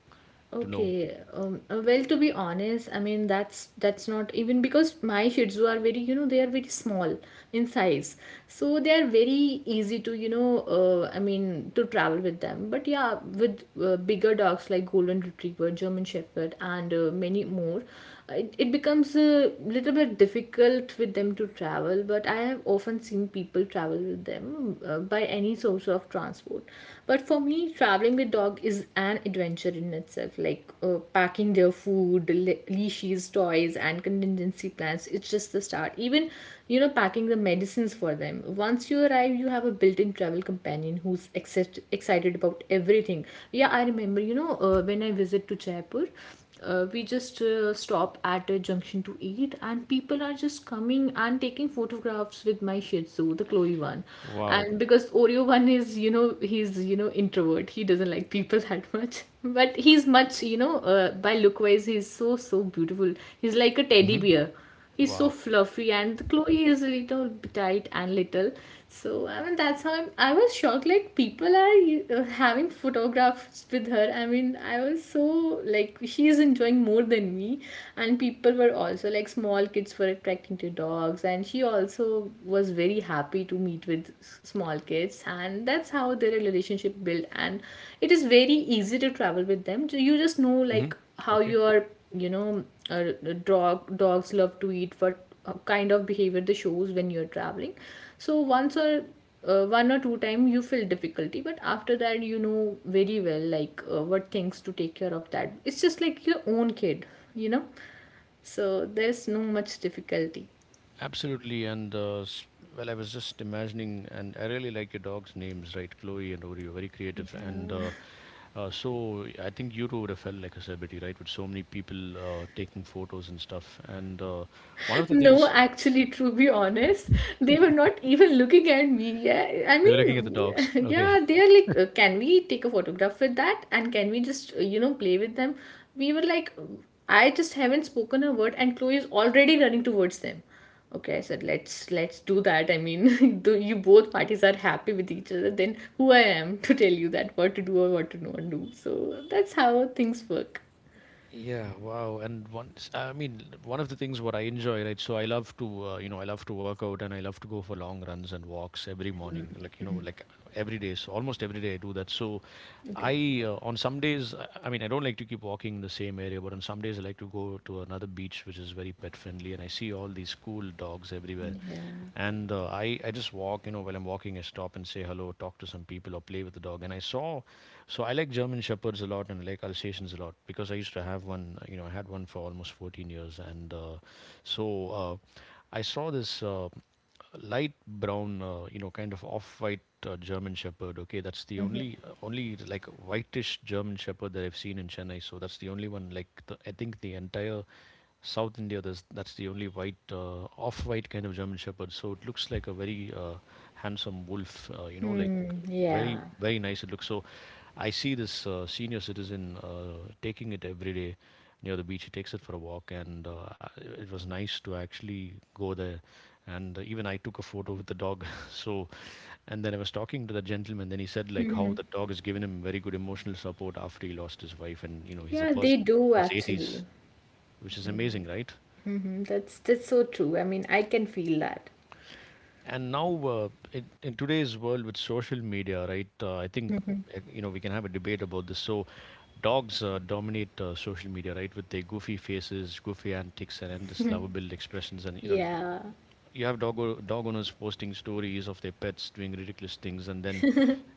B: to know.
A: Okay, well, to be honest, I mean that's not even because my Shih Tzu are very, you know, they are very small in size, so they are very easy to, you know, I mean to travel with them. But yeah, with bigger dogs like Golden Retriever, German Shepherd, and many more, it becomes a little bit difficult with them to travel. But I have often seen people travel with them by any source of transport. But for me, traveling with dog is an adventure in itself. Like packing their food, leashes, toys, and contingency plans. It's just the start. Even, you know, packing the medicines for them. Once you arrive, you have a built-in travel companion who's excited about everything. Yeah, I remember. You know, when I visit to Jaipur, we just stop at a junction to eat, and people are just coming and taking photographs with my shih tzu, the Chloe one,
B: Wow.
A: and because Oreo one is, you know, he's, you know, introvert, he doesn't like people that much. But he's much, you know, by look wise, he's so so beautiful. He's like a teddy
B: Hmm.
A: bear. He's so
B: Wow.
A: fluffy, and Chloe is a little tight and little. So I mean, that's how I was shocked. Like people are having photographs with her. I mean, I was so like, she is enjoying more than me, and people were also like small kids were attracting to dogs, and she also was very happy to meet with small kids, and that's how their relationship built. And it is very easy to travel with them. So you just know
B: Hmm.
A: like how
B: Okay.
A: you are, you know, dogs love to eat, what kind of behavior they shows when you're traveling. So once, or one or two time you feel difficulty, but after that you know very well like what things to take care of. That it's just like your own kid, you know, so there's no much difficulty.
B: Absolutely. And well, I was just imagining, and I really like your dogs' names, right? Chloe and Oreo, very creative. And so I think you too would have felt like a celebrity, right? With so many people taking photos and stuff. And one of the things,
A: No, actually, to be honest, they were not even looking at me. Yeah, I
B: they were looking at the
A: mean,
B: dogs. Okay.
A: yeah, they are like, can we take a photograph with that? And can we just, you know, play with them? We were like, I just haven't spoken a word, and Chloe is already running towards them. Okay, I said, let's do that. I mean, though you both parties are happy with each other, then who I am to tell you that what to do or what to not do? So that's how things work.
B: Yeah, wow. And once, I mean, one of the things what I enjoy, right? So I love to work out and I love to go for long runs and walks every morning. Like, you know, like every day. So almost every day I do that. So
A: Okay.
B: I on some days I mean I don't like to keep walking in the same area, but on some days I like to go to another beach which is very pet friendly, and I see all these cool dogs everywhere. And I just walk, you know, while I'm walking, I stop and say hello, talk to some people, or play with the dog. And so I like German Shepherds a lot and I like Alsatians a lot because I used to have one. You know, I had one for almost 14 years, and so uh, I saw this light brown, you know, kind of off-white German Shepherd. Okay, that's the only whitish German Shepherd that I've seen in Chennai. So that's the only one. Like, the, I think the entire South India, there's, that's the only white, off-white kind of German Shepherd. So it looks like a very handsome wolf. You know, like,
A: Hmm.
B: very,
A: Yeah.
B: very nice it looks. So I see this senior citizen taking it every day near the beach. He takes it for a walk, and it was nice to actually go there. And even I took a photo with the dog. So, and then I was talking to the gentleman, then he said like how the dog has given him very good emotional support after he lost his wife, and you know he's a
A: Yeah, they
B: person
A: do
B: in his 80s,
A: actually.
B: which is amazing, right?
A: Mmhmm that's so true. I mean I can feel that.
B: And now, in today's world with social media, right? I think you know we can have a debate about this. So, dogs dominate social media, right? With their goofy faces, goofy antics, and endless lovable expressions. And you know,
A: Yeah.
B: you have dog owners posting stories of their pets doing ridiculous things, and then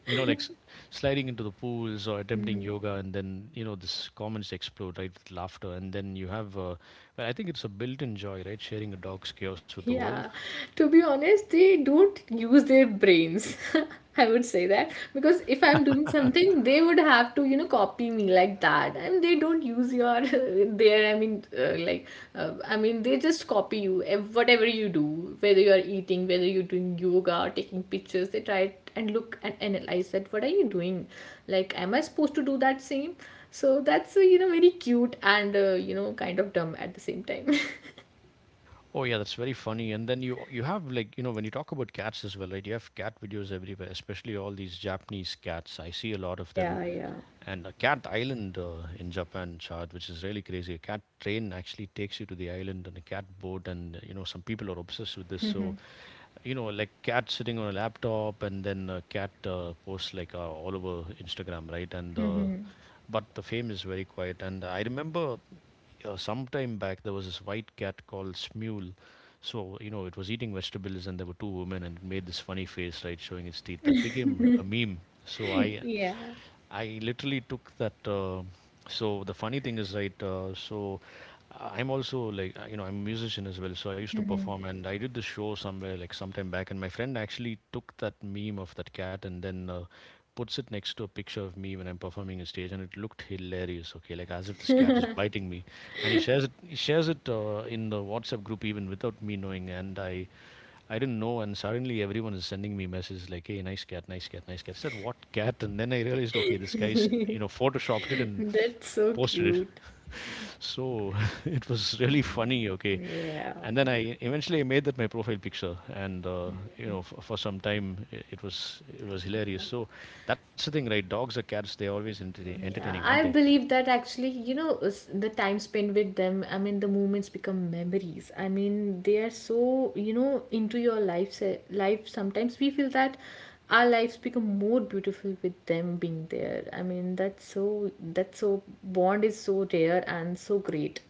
B: you know, like, sliding into the pools or attempting yoga, and then you know, this comments explode, right, with laughter. And then you have, well, I think it's a built-in joy, right? Sharing a dog's chaos with the world.
A: Yeah, to be honest, they don't use their brains. I would say that because if I'm doing something, they would have to, you know, copy me like that. I mean, they don't use your their. I mean, like, I mean, they just copy you whatever you do, whether you are eating, whether you're doing yoga or taking pictures. They try it and look and analyze that. What are you doing? Like, am I supposed to do that same? So that's you know, very cute and you know, kind of dumb at the same time.
B: Oh yeah, that's very funny. And then you have, like, you know, when you talk about cats as well, right? You have cat videos everywhere, especially all these Japanese cats. I see a lot of them.
A: Yeah, yeah.
B: And a cat island in Japan, Shad, which is really crazy. A cat train actually takes you to the island on a cat boat, and you know some people are obsessed with this. So, you know, like cat sitting on a laptop, and then a cat posts like all over Instagram, right? And But the fame is very quiet. And I remember some time back there was this white cat called Smule. So you know it was eating vegetables, and there were two women, and it made this funny face, right, showing its teeth. That became a meme. So I,
A: Yeah,
B: I literally took that. So the funny thing is, right, I'm also like, you know, I'm a musician as well. So I used to perform and I did the show somewhere like sometime back. And my friend actually took that meme of that cat and then puts it next to a picture of me when I'm performing on stage, and it looked hilarious. Okay, like as if this cat is biting me, and he shares it. He shares it in the WhatsApp group even without me knowing, and I. I didn't know, and suddenly everyone is sending me messages like, "Hey, nice cat, nice cat, nice cat." I said, "What cat?" And then I realized, okay, this guy's photoshopped it and
A: that's so
B: posted it.
A: cute.
B: So it was really funny. Okay,
A: Yeah,
B: and then I eventually made that my profile picture, and you know, for some time it was hilarious. So that's the thing, right? Dogs or cats, they're always entertaining,
A: yeah.
B: aren't they?
A: I believe that actually, you know, the time spent with them, I mean, the moments become memories. I mean, they are so, you know, into your life, life. Sometimes we feel that our lives become more beautiful with them being there. I mean, that's so, bond is so rare and so great.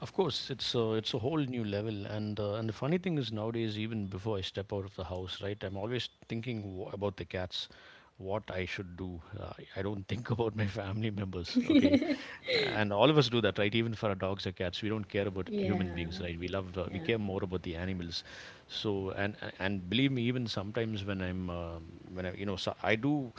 B: Of course, it's a whole new level, and and the funny thing is nowadays, even before I step out of the house, right, I'm always thinking about the cats, what I should do. I don't think about my family members. Okay, and all of us do that, right? Even for our dogs or cats, we don't care about human
A: Yeah,
B: beings, right? We love, we
A: yeah,
B: care more about the animals. So, and believe me, even sometimes when you know, so I do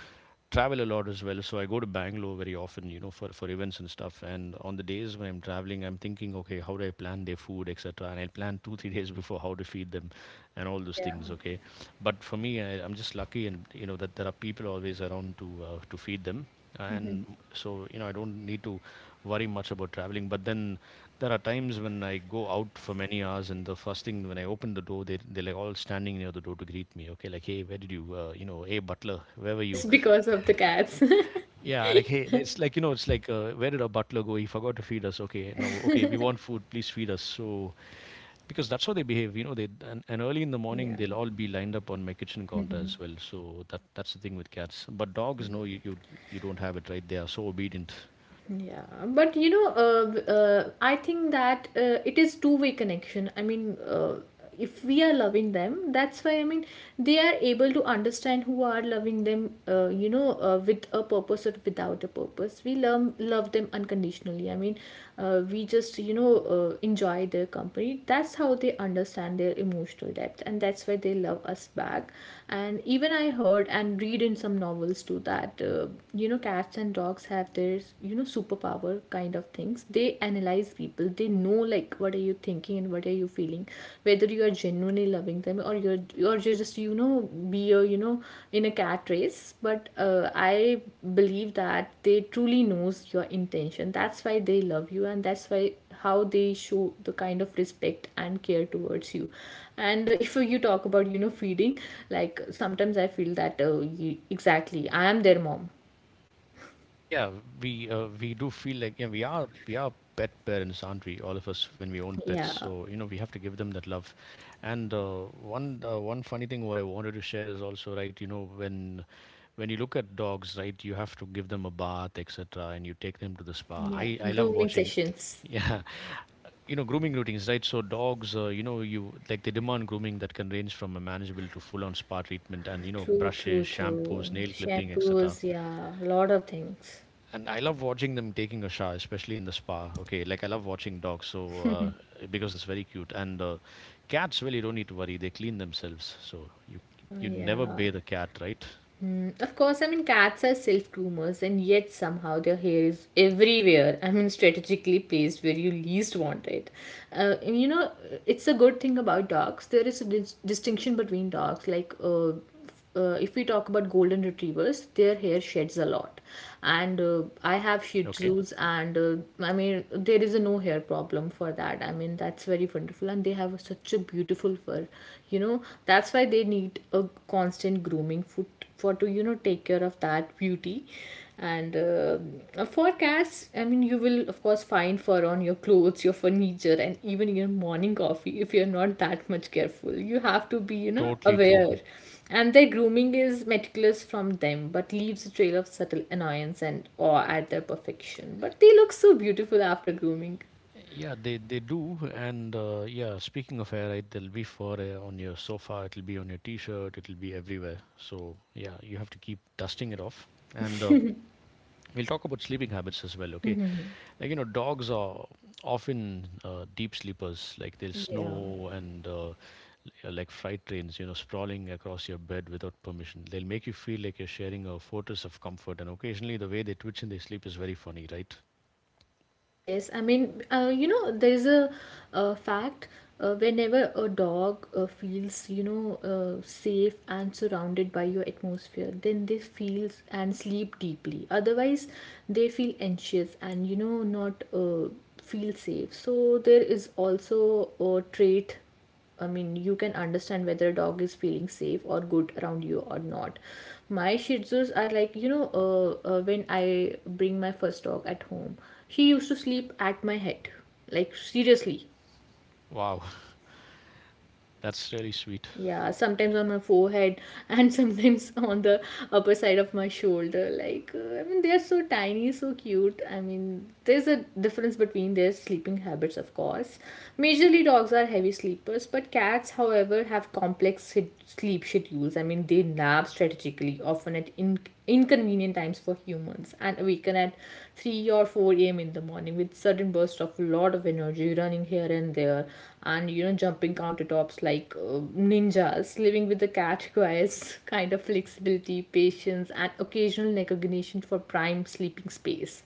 B: travel a lot as well. So I go to Bangalore very often, you know, for events and stuff. And on the days when I'm traveling, I'm thinking, okay, how do I plan their food, etc. And I'll plan two, three days before how to feed them and all those
A: yeah.
B: things, okay. But for me, I'm just lucky and, you know, that there are people always around to feed them,
A: Mhm.
B: and so you know I don't need to worry much about traveling. But then there are times when I go out for many hours, and the first thing when I open the door, they're like all standing near the door to greet me. Okay, like, hey, where did you you know, hey butler, where were you?
A: Just because of the cats.
B: Yeah, like hey, it's like you know, it's like where did our butler go? He forgot to feed us. Okay, no, okay, we want food. Please feed us. So because that's how they behave, you know. And early in the morning
A: Yeah.
B: they'll all be lined up on my kitchen counter as well. So that's the thing with cats. But dogs, no, you don't have it, right? They are so obedient.
A: Yeah, but you know, I think that it is two-way connection. I mean, if we are loving them, that's why, I mean, they are able to understand who are loving them, you know, with a purpose or without a purpose, we love them unconditionally. I mean, we just, you know, enjoy their company. That's how they understand their emotional depth, and that's why they love us back. And even I heard and read in some novels too that you know, cats and dogs have their, you know, superpower kind of things. They analyze people, they know like what are you thinking and what are you feeling, whether you are genuinely loving them, or you're just, you know, be a, you know, in a cat race. But I believe that they truly knows your intention. That's why they love you, and that's why how they show the kind of respect and care towards you. And if you talk about, you know, feeding, like sometimes I feel that you, exactly, I am their mom.
B: Yeah, we do feel like yeah, we are pet parents, aren't we? All of us when we own pets,
A: Yeah.
B: so you know we have to give them that love. And one funny thing what I wanted to share is also right. You know when you look at dogs, right, you have to give them a bath, et cetera, and you take them to the spa.
A: Yeah,
B: I love
A: grooming
B: watching.
A: sessions.
B: Yeah, you know, grooming routines, right? So dogs, you know, you like they demand grooming that can range from a manageable to full-on spa treatment, and you know,
A: True, true,
B: brushes,
A: true.
B: shampoos, nail clipping, et cetera.
A: Shampoos, yeah, a lot of things.
B: And I love watching them taking a shower, especially in the spa. Okay, like I love watching dogs. So uh, because it's very cute. And cats, well, you don't need to worry; they clean themselves. So you never
A: Yeah.
B: bathe a cat, right?
A: Hmm. Of course, I mean, cats are self groomers, and yet somehow their hair is everywhere. I mean, strategically placed where you least want it. And you know, it's a good thing about dogs. There is a distinction between dogs. Like, if we talk about golden retrievers, their hair sheds a lot. And I have Shih
B: Okay,
A: Tzus, and I mean, there is a no hair problem for that. I mean, that's very wonderful, and they have such a beautiful fur. You know, that's why they need a constant grooming foot for to, you know, take care of that beauty. And for cats, I mean, you will of course find fur on your clothes, your furniture, and even your morning coffee, if you're not that much careful. You have to be, you know,
B: totally true.
A: aware. And their grooming is meticulous from them, but leaves a trail of subtle annoyance and awe at their perfection. But they look so beautiful after grooming.
B: Yeah, they do, and yeah. Speaking of hair, right, they'll be for on your sofa. It'll be on your t-shirt. It'll be everywhere. So yeah, you have to keep dusting it off. And we'll talk about sleeping habits as well. Okay, like you know, dogs are often deep sleepers. Like they'll
A: Yeah.
B: snow, and yeah, like freight trains. You know, sprawling across your bed without permission. They'll make you feel like you're sharing a fortress of comfort. And occasionally, the way they twitch in their sleep is very funny, right?
A: Yes, I mean, you know, there is a, uh, fact, whenever a dog feels, you know, safe and surrounded by your atmosphere, then they feel and sleep deeply. Otherwise, they feel anxious and, you know, not feel safe. So, there is also a trait. I mean, you can understand whether a dog is feeling safe or good around you or not. My Shih Tzus are like, you know, when I bring my first dog at home, she used to sleep at my head. Like, seriously.
B: Wow, that's really sweet.
A: Yeah, sometimes on my forehead and sometimes on the upper side of my shoulder. Like, I mean, they are so tiny, so cute. I mean, there's a difference between their sleeping habits, of course. Majorly, dogs are heavy sleepers, but cats, however, have complex sleep schedules. I mean, they nap strategically, often at inconvenient times for humans, and awaken at 3 or 4 a.m. in the morning with sudden bursts of lot of energy, running here and there and you know, jumping countertops like ninjas. Living with the cat requires kind of flexibility, patience, and occasional recognition for prime sleeping space.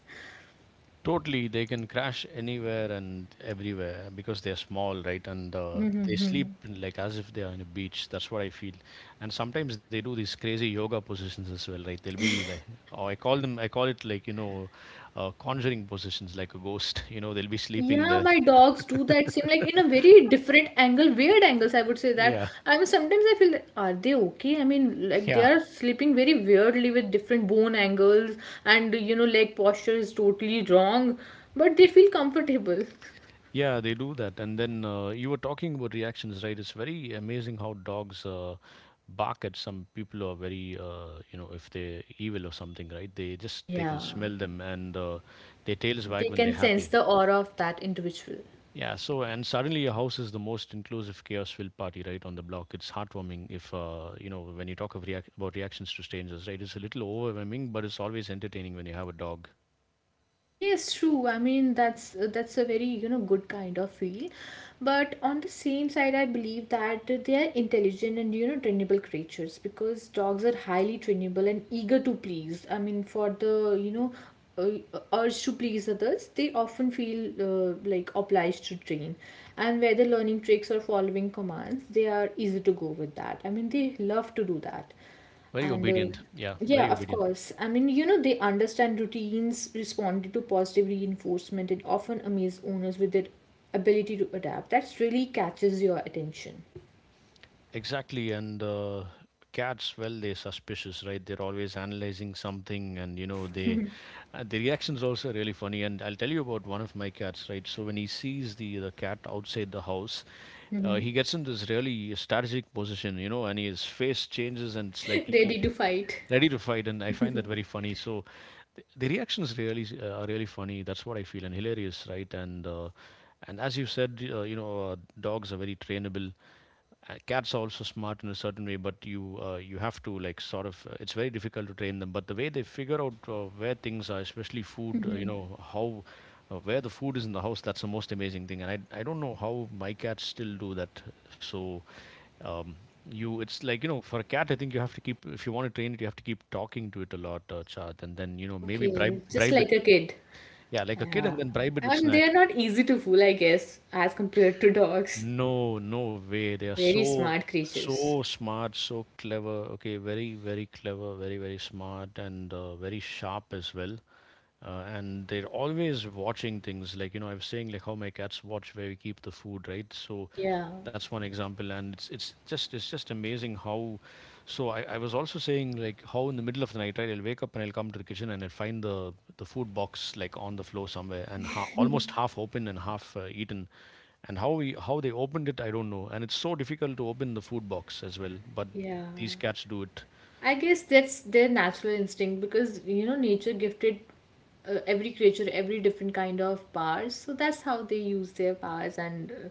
B: Totally, they can crash anywhere and everywhere because they're small, right? And they sleep in, like as if they are in a beach. That's what I feel. And sometimes they do these crazy yoga positions as well, right? They'll be like, oh, I call it like you know, conjuring positions, like a ghost. You know, they'll be sleeping
A: Yeah,
B: there.
A: my dogs do that same, like in a very different angle, weird angles. I would say that.
B: Yeah,
A: I mean, sometimes I feel that are they okay? I mean, like they
B: yeah.
A: are sleeping very weirdly with different bone angles, and you know, leg posture is totally wrong, but they feel comfortable.
B: Yeah, they do that. And then you were talking about reactions, right? It's very amazing how dogs bark at some people who are very, you know, if they're evil or something, right? They can
A: Yeah,
B: smell them, and their tails
A: they
B: wag when they're
A: can sense
B: happy.
A: the aura of that individual.
B: Yeah. So and suddenly your house is the most inclusive, chaos-filled party, right, on the block. It's heartwarming if you know, when you talk of about reactions to strangers, right? It's a little overwhelming, but it's always entertaining when you have a dog.
A: Yes, true. I mean, that's a very, you know, good kind of feel. But on the same side, I believe that they are intelligent and, you know, trainable creatures, because dogs are highly trainable and eager to please. I mean, for the, you know, urge to please others, they often feel like obliged to train. And whether learning tricks or following commands, they are easy to go with that. I mean, they love to do that.
B: Very
A: And
B: obedient. Yeah,
A: yeah,
B: very
A: of
B: obedient.
A: course. I mean, you know, they understand routines, responded to positive reinforcement, and often amaze owners with their ability to adapt. That's really catches your attention.
B: Exactly, and cats, well, they're suspicious, right? They're always analyzing something, and you know, they the reaction's also really funny. And I'll tell you about one of my cats, right? So when he sees the cat outside the house, he gets in this really strategic position, you know, and his face changes, and it's like
A: Ready to fight.
B: ready to fight, and I find that very funny. So the reactions really are really funny. That's what I feel, and hilarious, right? And as you said, you know, dogs are very trainable. Cats are also smart in a certain way, but you have to like sort of. It's very difficult to train them. But the way they figure out where things are, especially food, you know how. Where the food is in the house, that's the most amazing thing, and I don't know how my cats still do that. So, um, you, it's like you know, for a cat I think you have to keep, if you want to train it, you have to keep talking to it a lot, Chad, and then you know maybe
A: Okay, just
B: bribe it,
A: like a kid.
B: yeah, like a kid,
A: Yeah.
B: and then bribe it with
A: I mean,
B: snacks.
A: they're not easy to fool, I guess, as compared to dogs.
B: No, no way. They are
A: Very
B: so,
A: smart creatures.
B: so smart, so clever. Okay, very, very clever, very, very smart, and very sharp as well. And they're always watching things. Like, you know, I was saying, like, how my cats watch where we keep the food, right? So
A: Yeah,
B: that's one example. And it's just amazing how. I was also saying, like, how in the middle of the night, right? I'll wake up and I'll come to the kitchen and I'll find the food box like on the floor somewhere and ha almost half open and half eaten, and how we how they opened it I don't know, and it's so difficult to open the food box as well, but
A: yeah.
B: these cats do it.
A: I guess that's their natural instinct, because you know, nature gifted every creature every different kind of powers, so that's how they use their powers and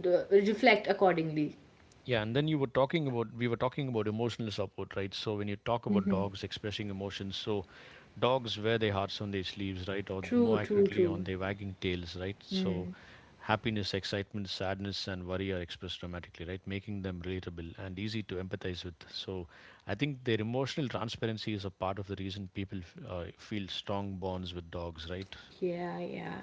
A: d- reflect accordingly.
B: Yeah, and then you were talking about, we were talking about emotional support, right? So when you talk about dogs expressing emotions, so dogs wear their hearts on their sleeves, right, or
A: True,
B: more
A: true,
B: accurately on
A: true.
B: their wagging tails, right? So happiness, excitement, sadness and worry are expressed dramatically, right, making them relatable and easy to empathize with. So I think their emotional transparency is a part of the reason people feel strong bonds with dogs, right?
A: Yeah, yeah.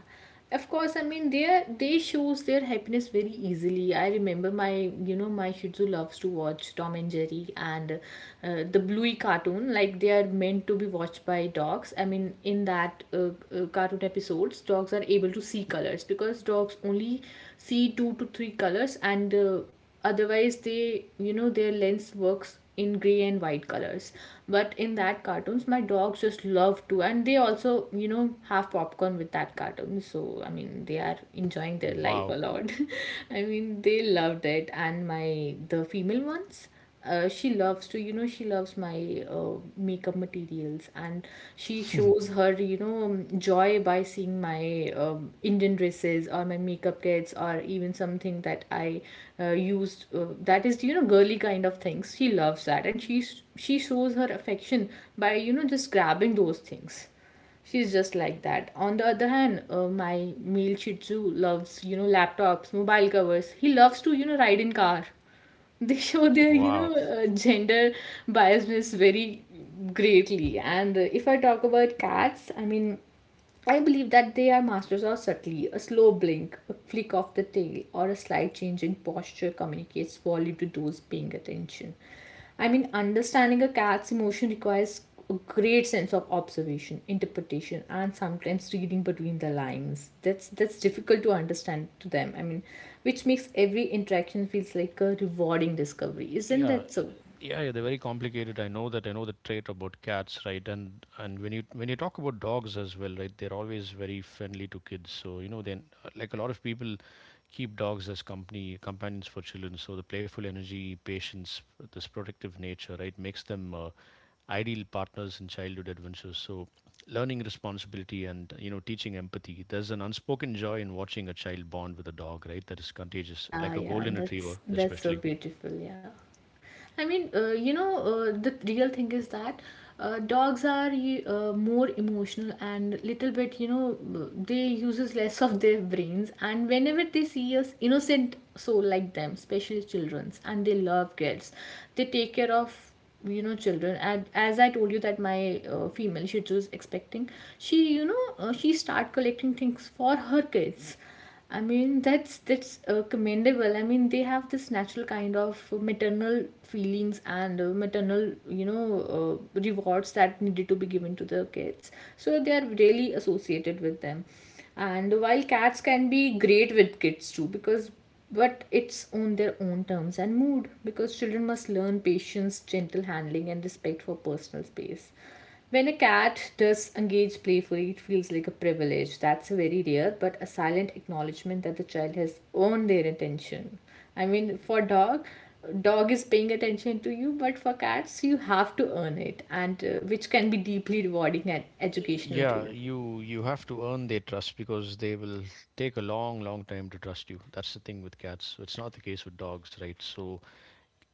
A: Of course, I mean they shows their happiness very easily. I remember my, you know, my Shih Tzu loves to watch Tom and Jerry and the Bluey cartoon. Like they are meant to be watched by dogs. I mean in that cartoon episodes, dogs are able to see colors, because dogs only see two to three colors and. Otherwise they, you know, their lens works in gray and white colors. But in that cartoons my dogs just love to, and they also, you know, have popcorn with that cartoon. So I mean they are enjoying their life a
B: Wow.
A: lot. I mean they loved it. And my the female ones, she loves to, you know, she loves my makeup materials. And she shows her, you know, joy by seeing my Indian dresses or my makeup kits or even something that I used, that is, you know, girly kind of things. She loves that, and she shows her affection by, you know, just grabbing those things. She's just like that. On the other hand, my male Shih Tzu loves, you know, laptops, mobile covers. He loves to, you know, ride in car. They show their, you
B: Wow.
A: know, gender biasness very greatly. And if I talk about cats, I mean, I believe that they are masters of subtlety. A slow blink, a flick of the tail, or a slight change in posture communicates volume to those paying attention. I mean, understanding a cat's emotion requires a great sense of observation, interpretation, and sometimes reading between the lines. That's difficult to understand to them. I mean, which makes every interaction feels like a rewarding discovery. Isn't
B: Yeah,
A: that so?
B: yeah, yeah, they're very complicated. I know that. I know the trait about cats, right? And when you, when you talk about dogs as well, right? They're always very friendly to kids. So, you know, then like a lot of people keep dogs as company companions for children. So the playful energy, patience, this protective nature, right, makes them ideal partners in childhood adventures. So learning responsibility and you know teaching empathy. There's an unspoken joy in watching a child bond with a dog, right? That is contagious,
A: Yeah,
B: like a
A: yeah,
B: golden retriever,
A: that's so
B: especially.
A: beautiful. Yeah. I mean, you know, the real thing is that dogs are more emotional and little bit, you know, they uses less of their brains. And whenever they see us innocent soul like them, especially childrens, and they love kids, they take care of, you know, children. And as I told you that my female, she was expecting. She, you know, she start collecting things for her kids. I mean that's commendable. I mean they have this natural kind of maternal feelings and maternal, you know, rewards that needed to be given to the kids. So they are really associated with them. And while cats can be great with kids too, because but it's on their own terms and mood, because children must learn patience, gentle handling, and respect for personal space. When a cat does engage playfully, it feels like a privilege. That's very rare, but a silent acknowledgement that the child has earned their attention. I mean, for dog, dog is paying attention to you, but for cats, you have to earn it, and which can be deeply rewarding and educational
B: Yeah,
A: too.
B: you have to earn their trust because they will take a long, long time to trust you. That's the thing with cats. So it's not the case with dogs, right? So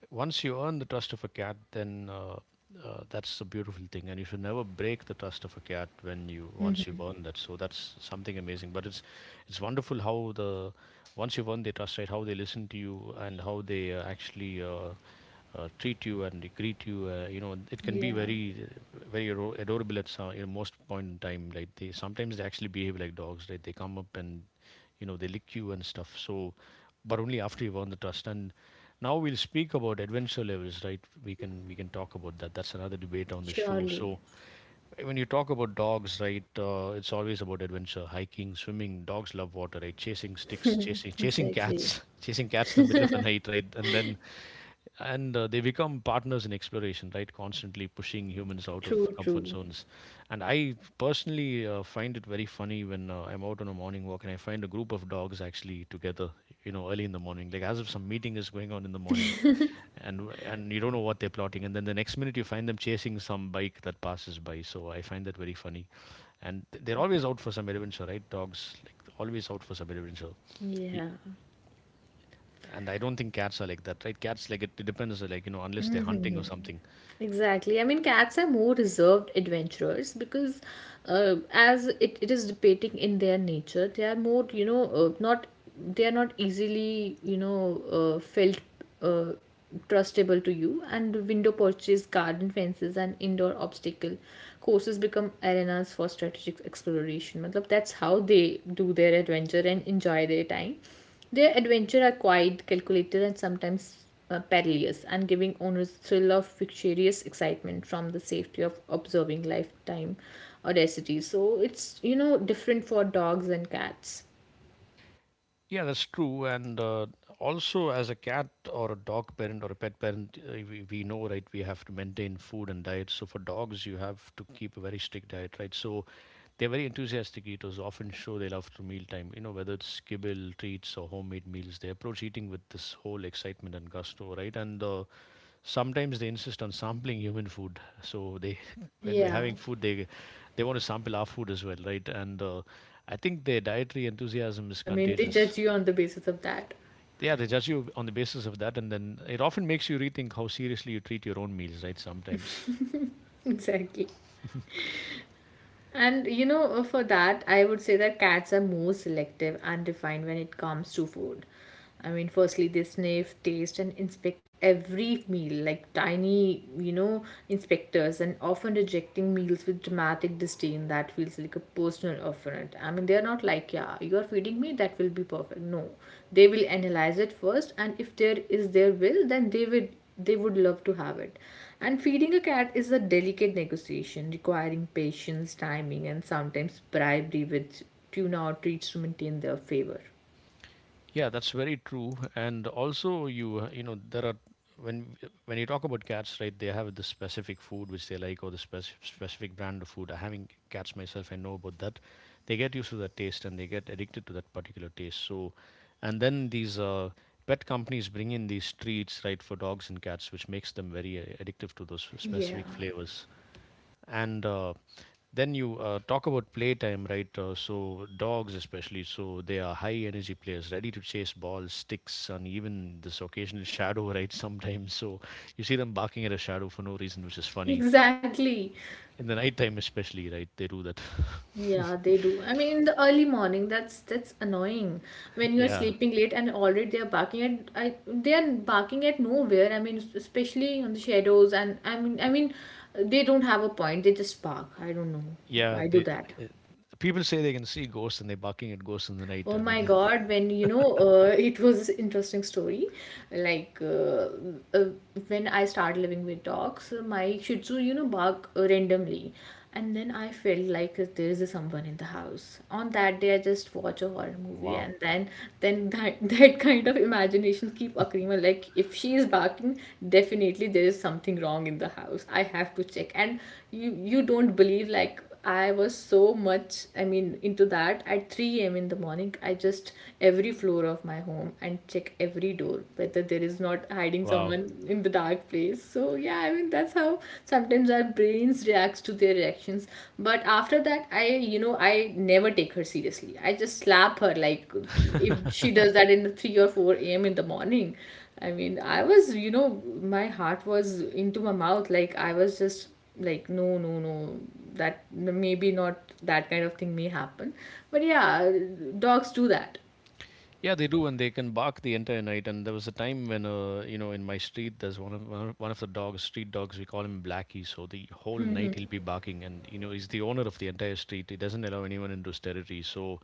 B: once you earn the trust of a cat, then that's a beautiful thing, and you should never break the trust of a cat when you, once you've earned that. So that's something amazing. But it's wonderful how the once you've earned their trust, right? How they listen to you and how they actually. Treat you and they greet you. It can be
A: Yeah.
B: very adorable at some in most point in time. Like they sometimes they actually behave like dogs. Right, they come up and you know they lick you and stuff. So, but only after you've earned the trust. And now we'll speak about adventure levels. Right, we can talk about that. That's another debate on the show.
A: Surely.
B: So, when you talk about dogs, right, it's always about adventure, hiking, swimming. Dogs love water, right? Chasing sticks, chasing
A: Exactly.
B: cats, chasing cats in the middle of the night, right? And they become partners in exploration, right? Constantly pushing humans out of
A: True,
B: comfort
A: true.
B: zones. And I personally find it very funny when I'm out on a morning walk and I find a group of dogs actually together, you know, early in the morning, like as if some meeting is going on in the morning and you don't know what they're plotting, and then the next minute you find them chasing some bike that passes by. So I find that very funny. And they're always out for some adventure, right? Dogs like always out for some adventure. Y-
A: Yeah.
B: and I don't think cats are like that, right? Cats like it depends, like you know, unless they're hunting or something.
A: Exactly. I mean, cats are more reserved adventurers, because, as it, it is depicting in their nature, they are more, you know, not they are not easily, you know, felt uh, trustable to you. And window porches, garden fences, and indoor obstacle courses become arenas for strategic exploration. Matlab, that's how they do their adventure and enjoy their time. Their adventures are quiet, calculated, and sometimes perilous, and giving owners a thrill of vicarious excitement from the safety of observing lifetime audacity. So it's, you know, different for dogs and cats.
B: Yeah, that's true. And also, as a cat or a dog parent or a pet parent, we know, right? We have to maintain food and diet. So for dogs, you have to keep a very strict diet, right? So they're very enthusiastic eaters, often show their love through mealtime, you know, whether it's kibble, treats, or homemade meals. They approach eating with this whole excitement and gusto, right? And sometimes they insist on sampling human food. So they, when we're
A: Yeah.
B: having food, they want to sample our food as well, right? And I think their dietary enthusiasm is
A: I mean, they
B: contagious.
A: judge you on the basis of that.
B: Yeah, they judge you on the basis of that, and then it often makes you rethink how seriously you treat your own meals, right? Sometimes.
A: Exactly. For that, I would say that cats are more selective and refined when it comes to food. I mean, firstly, they sniff, taste, and inspect every meal like tiny, inspectors, and often rejecting meals with dramatic disdain that feels like a personal offense. I mean, they're not like, yeah, you're feeding me, that will be perfect. No, they will analyze it first, and if there is their will, then they would love to have it. And feeding a cat is a delicate negotiation requiring patience, timing, and sometimes bribery with tuna or treats to maintain their favor.
B: Yeah, that's very true. And also, you you know, there are when when you talk about cats, right? They have this specific food which they like, or the specific brand of food. Having cats myself, I know about that. They get used to that taste and they get addicted to that particular taste. So, and then these pet companies bring in these treats, right, for dogs and cats, which makes them very addictive to those
A: Yeah.
B: specific flavors. And then you talk about playtime, right? So dogs, especially, so they are high energy players, ready to chase balls, sticks, and even this occasional shadow, right? Sometimes, so you see them barking at a shadow for no reason, which is funny.
A: Exactly.
B: In the nighttime, especially, right? They do that.
A: Yeah, they do. I mean, in the early morning, that's annoying when you are
B: Yeah,
A: sleeping late and already they are barking at nowhere. I mean, especially on the shadows, and I mean, they don't have a point. They just bark. I don't know if
B: yeah.
A: I do
B: They
A: that.
B: people say they can see ghosts and they're barking at ghosts in the night.
A: Oh
B: I mean,
A: my God, it was interesting story. Like uh, uh, when I started living with dogs, my Shih Tzu, bark randomly, and then I felt like there is someone in the house. On that day, I just watch a horror movie,
B: wow,
A: and then that that kind of imagination keep occurring. Well, like if she is barking, definitely there is something wrong in the house. I have to check, and you don't believe like I was so much, I mean, into that at 3 a.m. in the morning. I just every floor of my home and check every door whether there is not hiding
B: wow.
A: someone in the dark place. So, yeah, I mean, that's how sometimes our brains reacts to their reactions. But after that, I never take her seriously. I just slap her like if she does that in the 3 or 4 a.m. in the morning. I mean, I was, you know, my heart was into my mouth. Like, I was just like no, that maybe not that kind of thing may happen, but yeah, dogs do that.
B: Yeah, they do, and they can bark the entire night. And there was a time when, you know, in my street, there's one of the dogs, street dogs. We call him Blackie. So the whole night he'll be barking, and you know, he's the owner of the entire street. He doesn't allow anyone into his territory. So,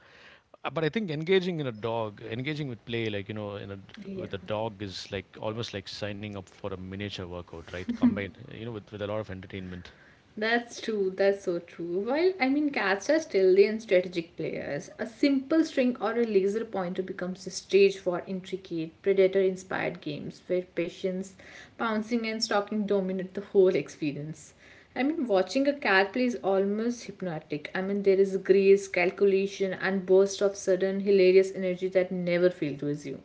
B: but I think engaging in a dog, engaging with play, like you know, in a d
A: Yeah.
B: with a dog is like almost like signing up for a miniature workout, right? Combined, you know, with a lot of entertainment.
A: That's true, that's so true. While I mean, cats are stealthy and strategic players. A simple string or a laser pointer becomes a stage for intricate, predator inspired games where patience, pouncing, and stalking dominate the whole experience. I mean, watching a cat play is almost hypnotic. I mean, there is grace, calculation, and burst of sudden, hilarious energy that never fail to assume.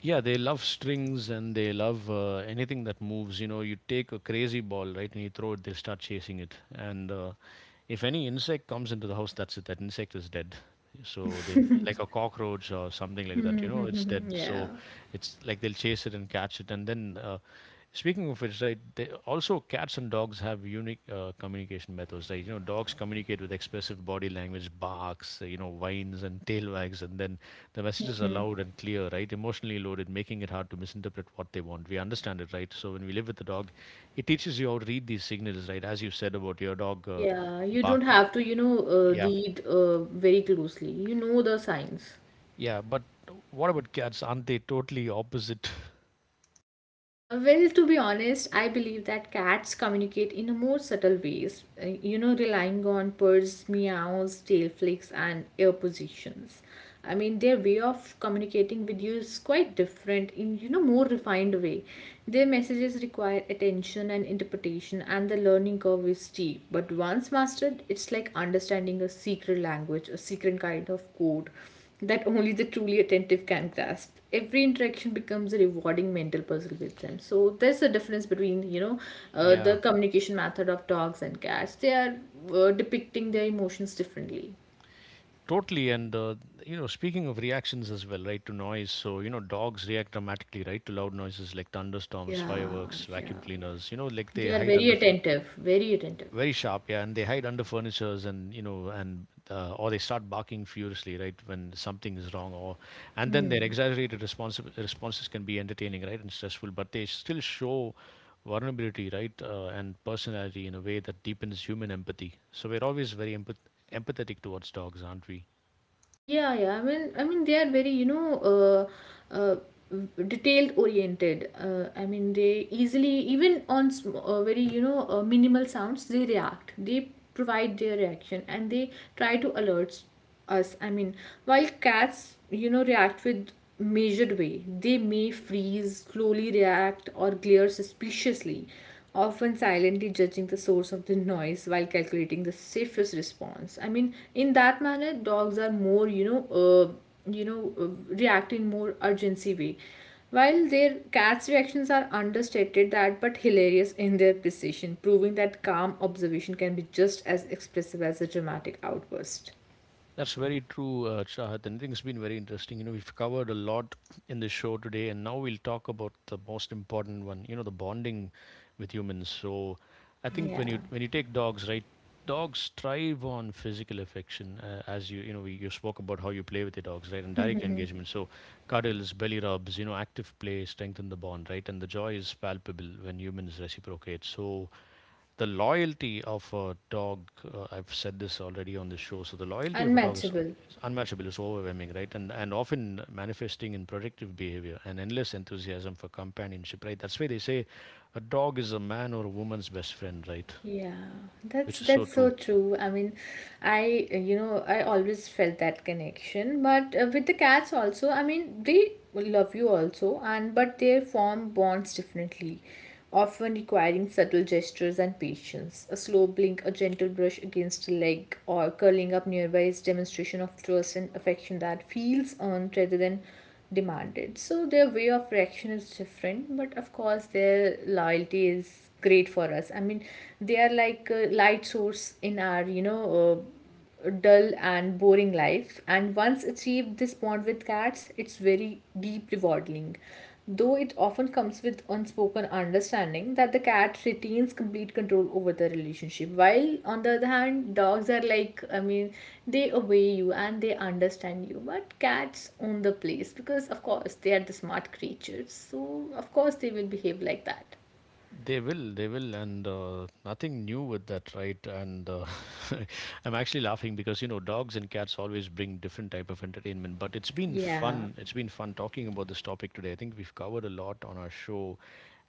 B: Yeah, they love strings and they love anything that moves. You know, you take a crazy ball, right, and you throw it, they'll start chasing it. And if any insect comes into the house, that's it. That insect is dead. So they, like a cockroach or something like that. You know, it's dead.
A: Yeah.
B: So it's like they'll chase it and catch it, and then speaking of which, right, they, also cats and dogs have unique communication methods. Right, you know, dogs communicate with expressive body language, barks, you know, whines and tail wags, and then the messages are loud and clear, right? Emotionally loaded, making it hard to misinterpret what they want. We understand it, right? So when we live with the dog, it teaches you how to read these signals, right? As you said about your dog
A: Yeah, you don't
B: bark,
A: have to,
B: yeah,
A: read very closely. You know the signs.
B: yeah. But what about cats? Aren't they totally opposite?
A: Well, to be honest, I believe that cats communicate in a more subtle ways, relying on purrs, meows, tail flicks, and ear positions. I mean, their way of communicating with you is quite different in, more refined way. Their messages require attention and interpretation, and the learning curve is steep. But once mastered, it's like understanding a secret language, a secret kind of code that only the truly attentive can grasp. Every interaction becomes a rewarding mental puzzle with them. So there's a difference between the
B: Yeah.
A: communication method of dogs and cats. They are depicting their emotions differently.
B: Totally, and you know, speaking of reactions as well, right, to noise. So you know, dogs react dramatically, right, to loud noises like thunderstorms,
A: Yeah,
B: fireworks, vacuum
A: yeah.
B: cleaners. You know, like they
A: They are
B: hide
A: very
B: under
A: attentive, very attentive.
B: very sharp, yeah, and they hide under furnitures, and you know, and or they start barking furiously, right, when something is wrong, or and then their exaggerated responses can be entertaining, right, and stressful, but they still show vulnerability, right, and personality in a way that deepens human empathy. So we're always very empathetic towards dogs, aren't we?
A: Yeah, yeah. I mean, they are very, uh, uh, detailed oriented. I mean, they easily, even on very, minimal sounds, they react. They provide their reaction and they try to alert us. I mean, while cats, react with measured way, they may freeze, slowly react, or glare suspiciously, often silently judging the source of the noise while calculating the safest response. I mean, in that manner dogs are more you know uh, react in more urgency way, while their cats reactions are understated, that but hilarious in their precision, proving that calm observation can be just as expressive as a dramatic outburst.
B: That's very true, Chahat, and I think it's been very interesting. You know, we've covered a lot in the show today, and now we'll talk about the most important one. You know, the bonding with humans. So, I think when
A: Yeah.
B: you when you take dogs, right, dogs thrive on physical affection. As you you know, you spoke about how you play with your dogs, right, and direct engagement. So, cuddles, belly rubs, you know, active play strengthen the bond, right, and the joy is palpable when humans reciprocate. So, the loyalty of a dog I've said this already on the show. So the loyalty of a dog is,
A: Unmatchable.
B: is unmatchable. It's overwhelming, right? And often manifesting in productive behavior and endless enthusiasm for companionship, right? That's why they say a dog is a man or a woman's best friend, right?
A: Yeah, that's
B: Which is so
A: that's so
B: true.
A: true. I mean, I you know I always felt that connection, but with the cats also, I mean they love you also, and but they form bonds differently, often requiring subtle gestures and patience. A slow blink, a gentle brush against a leg, or curling up nearby is demonstration of trust and affection that feels earned rather than demanded. So their way of reaction is different, but of course their loyalty is great for us. I mean, they are like a light source in our, dull and boring life. And once achieved this bond with cats, it's very deep rewarding, though it often comes with unspoken understanding that the cat retains complete control over the relationship, while on the other hand dogs are like, I mean, they obey you and they understand you, but cats own the place because of course they are the smart creatures, so of course they will behave like that.
B: They will, and nothing new with that, right? And I'm actually laughing because you know dogs and cats always bring different type of entertainment. But it's been
A: Yeah.
B: fun. It's been fun talking about this topic today. I think we've covered a lot on our show,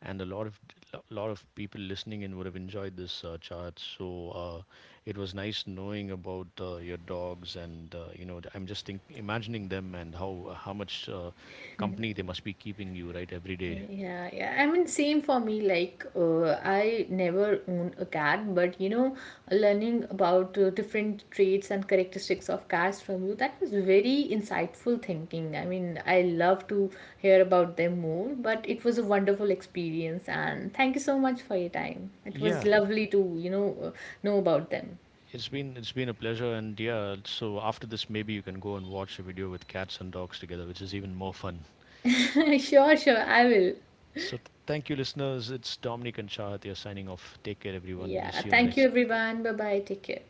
B: and a lot of lot of people listening in would have enjoyed this chat. So it was nice knowing about your dogs, and you know, I'm just think imagining them and how much company they must be keeping you, right, every day.
A: Yeah, yeah. I mean, same for me. I never own a cat, but you know, learning about different traits and characteristics of cats from you, that was very insightful thinking. I mean, I love to hear about them more, but it was a wonderful experience, and thank you so much for your time. It was
B: Yeah,
A: lovely to, know about them.
B: it's been a pleasure, and yeah, so after this, maybe you can go and watch a video with cats and dogs together, which is even more fun.
A: Sure, sure, I will.
B: So thank you, listeners. It's Dominic and Shah here, signing off. Take care, everyone. We'll
A: Yeah,
B: see you in the
A: thank you,
B: next episode.
A: everyone. Bye bye. Take care.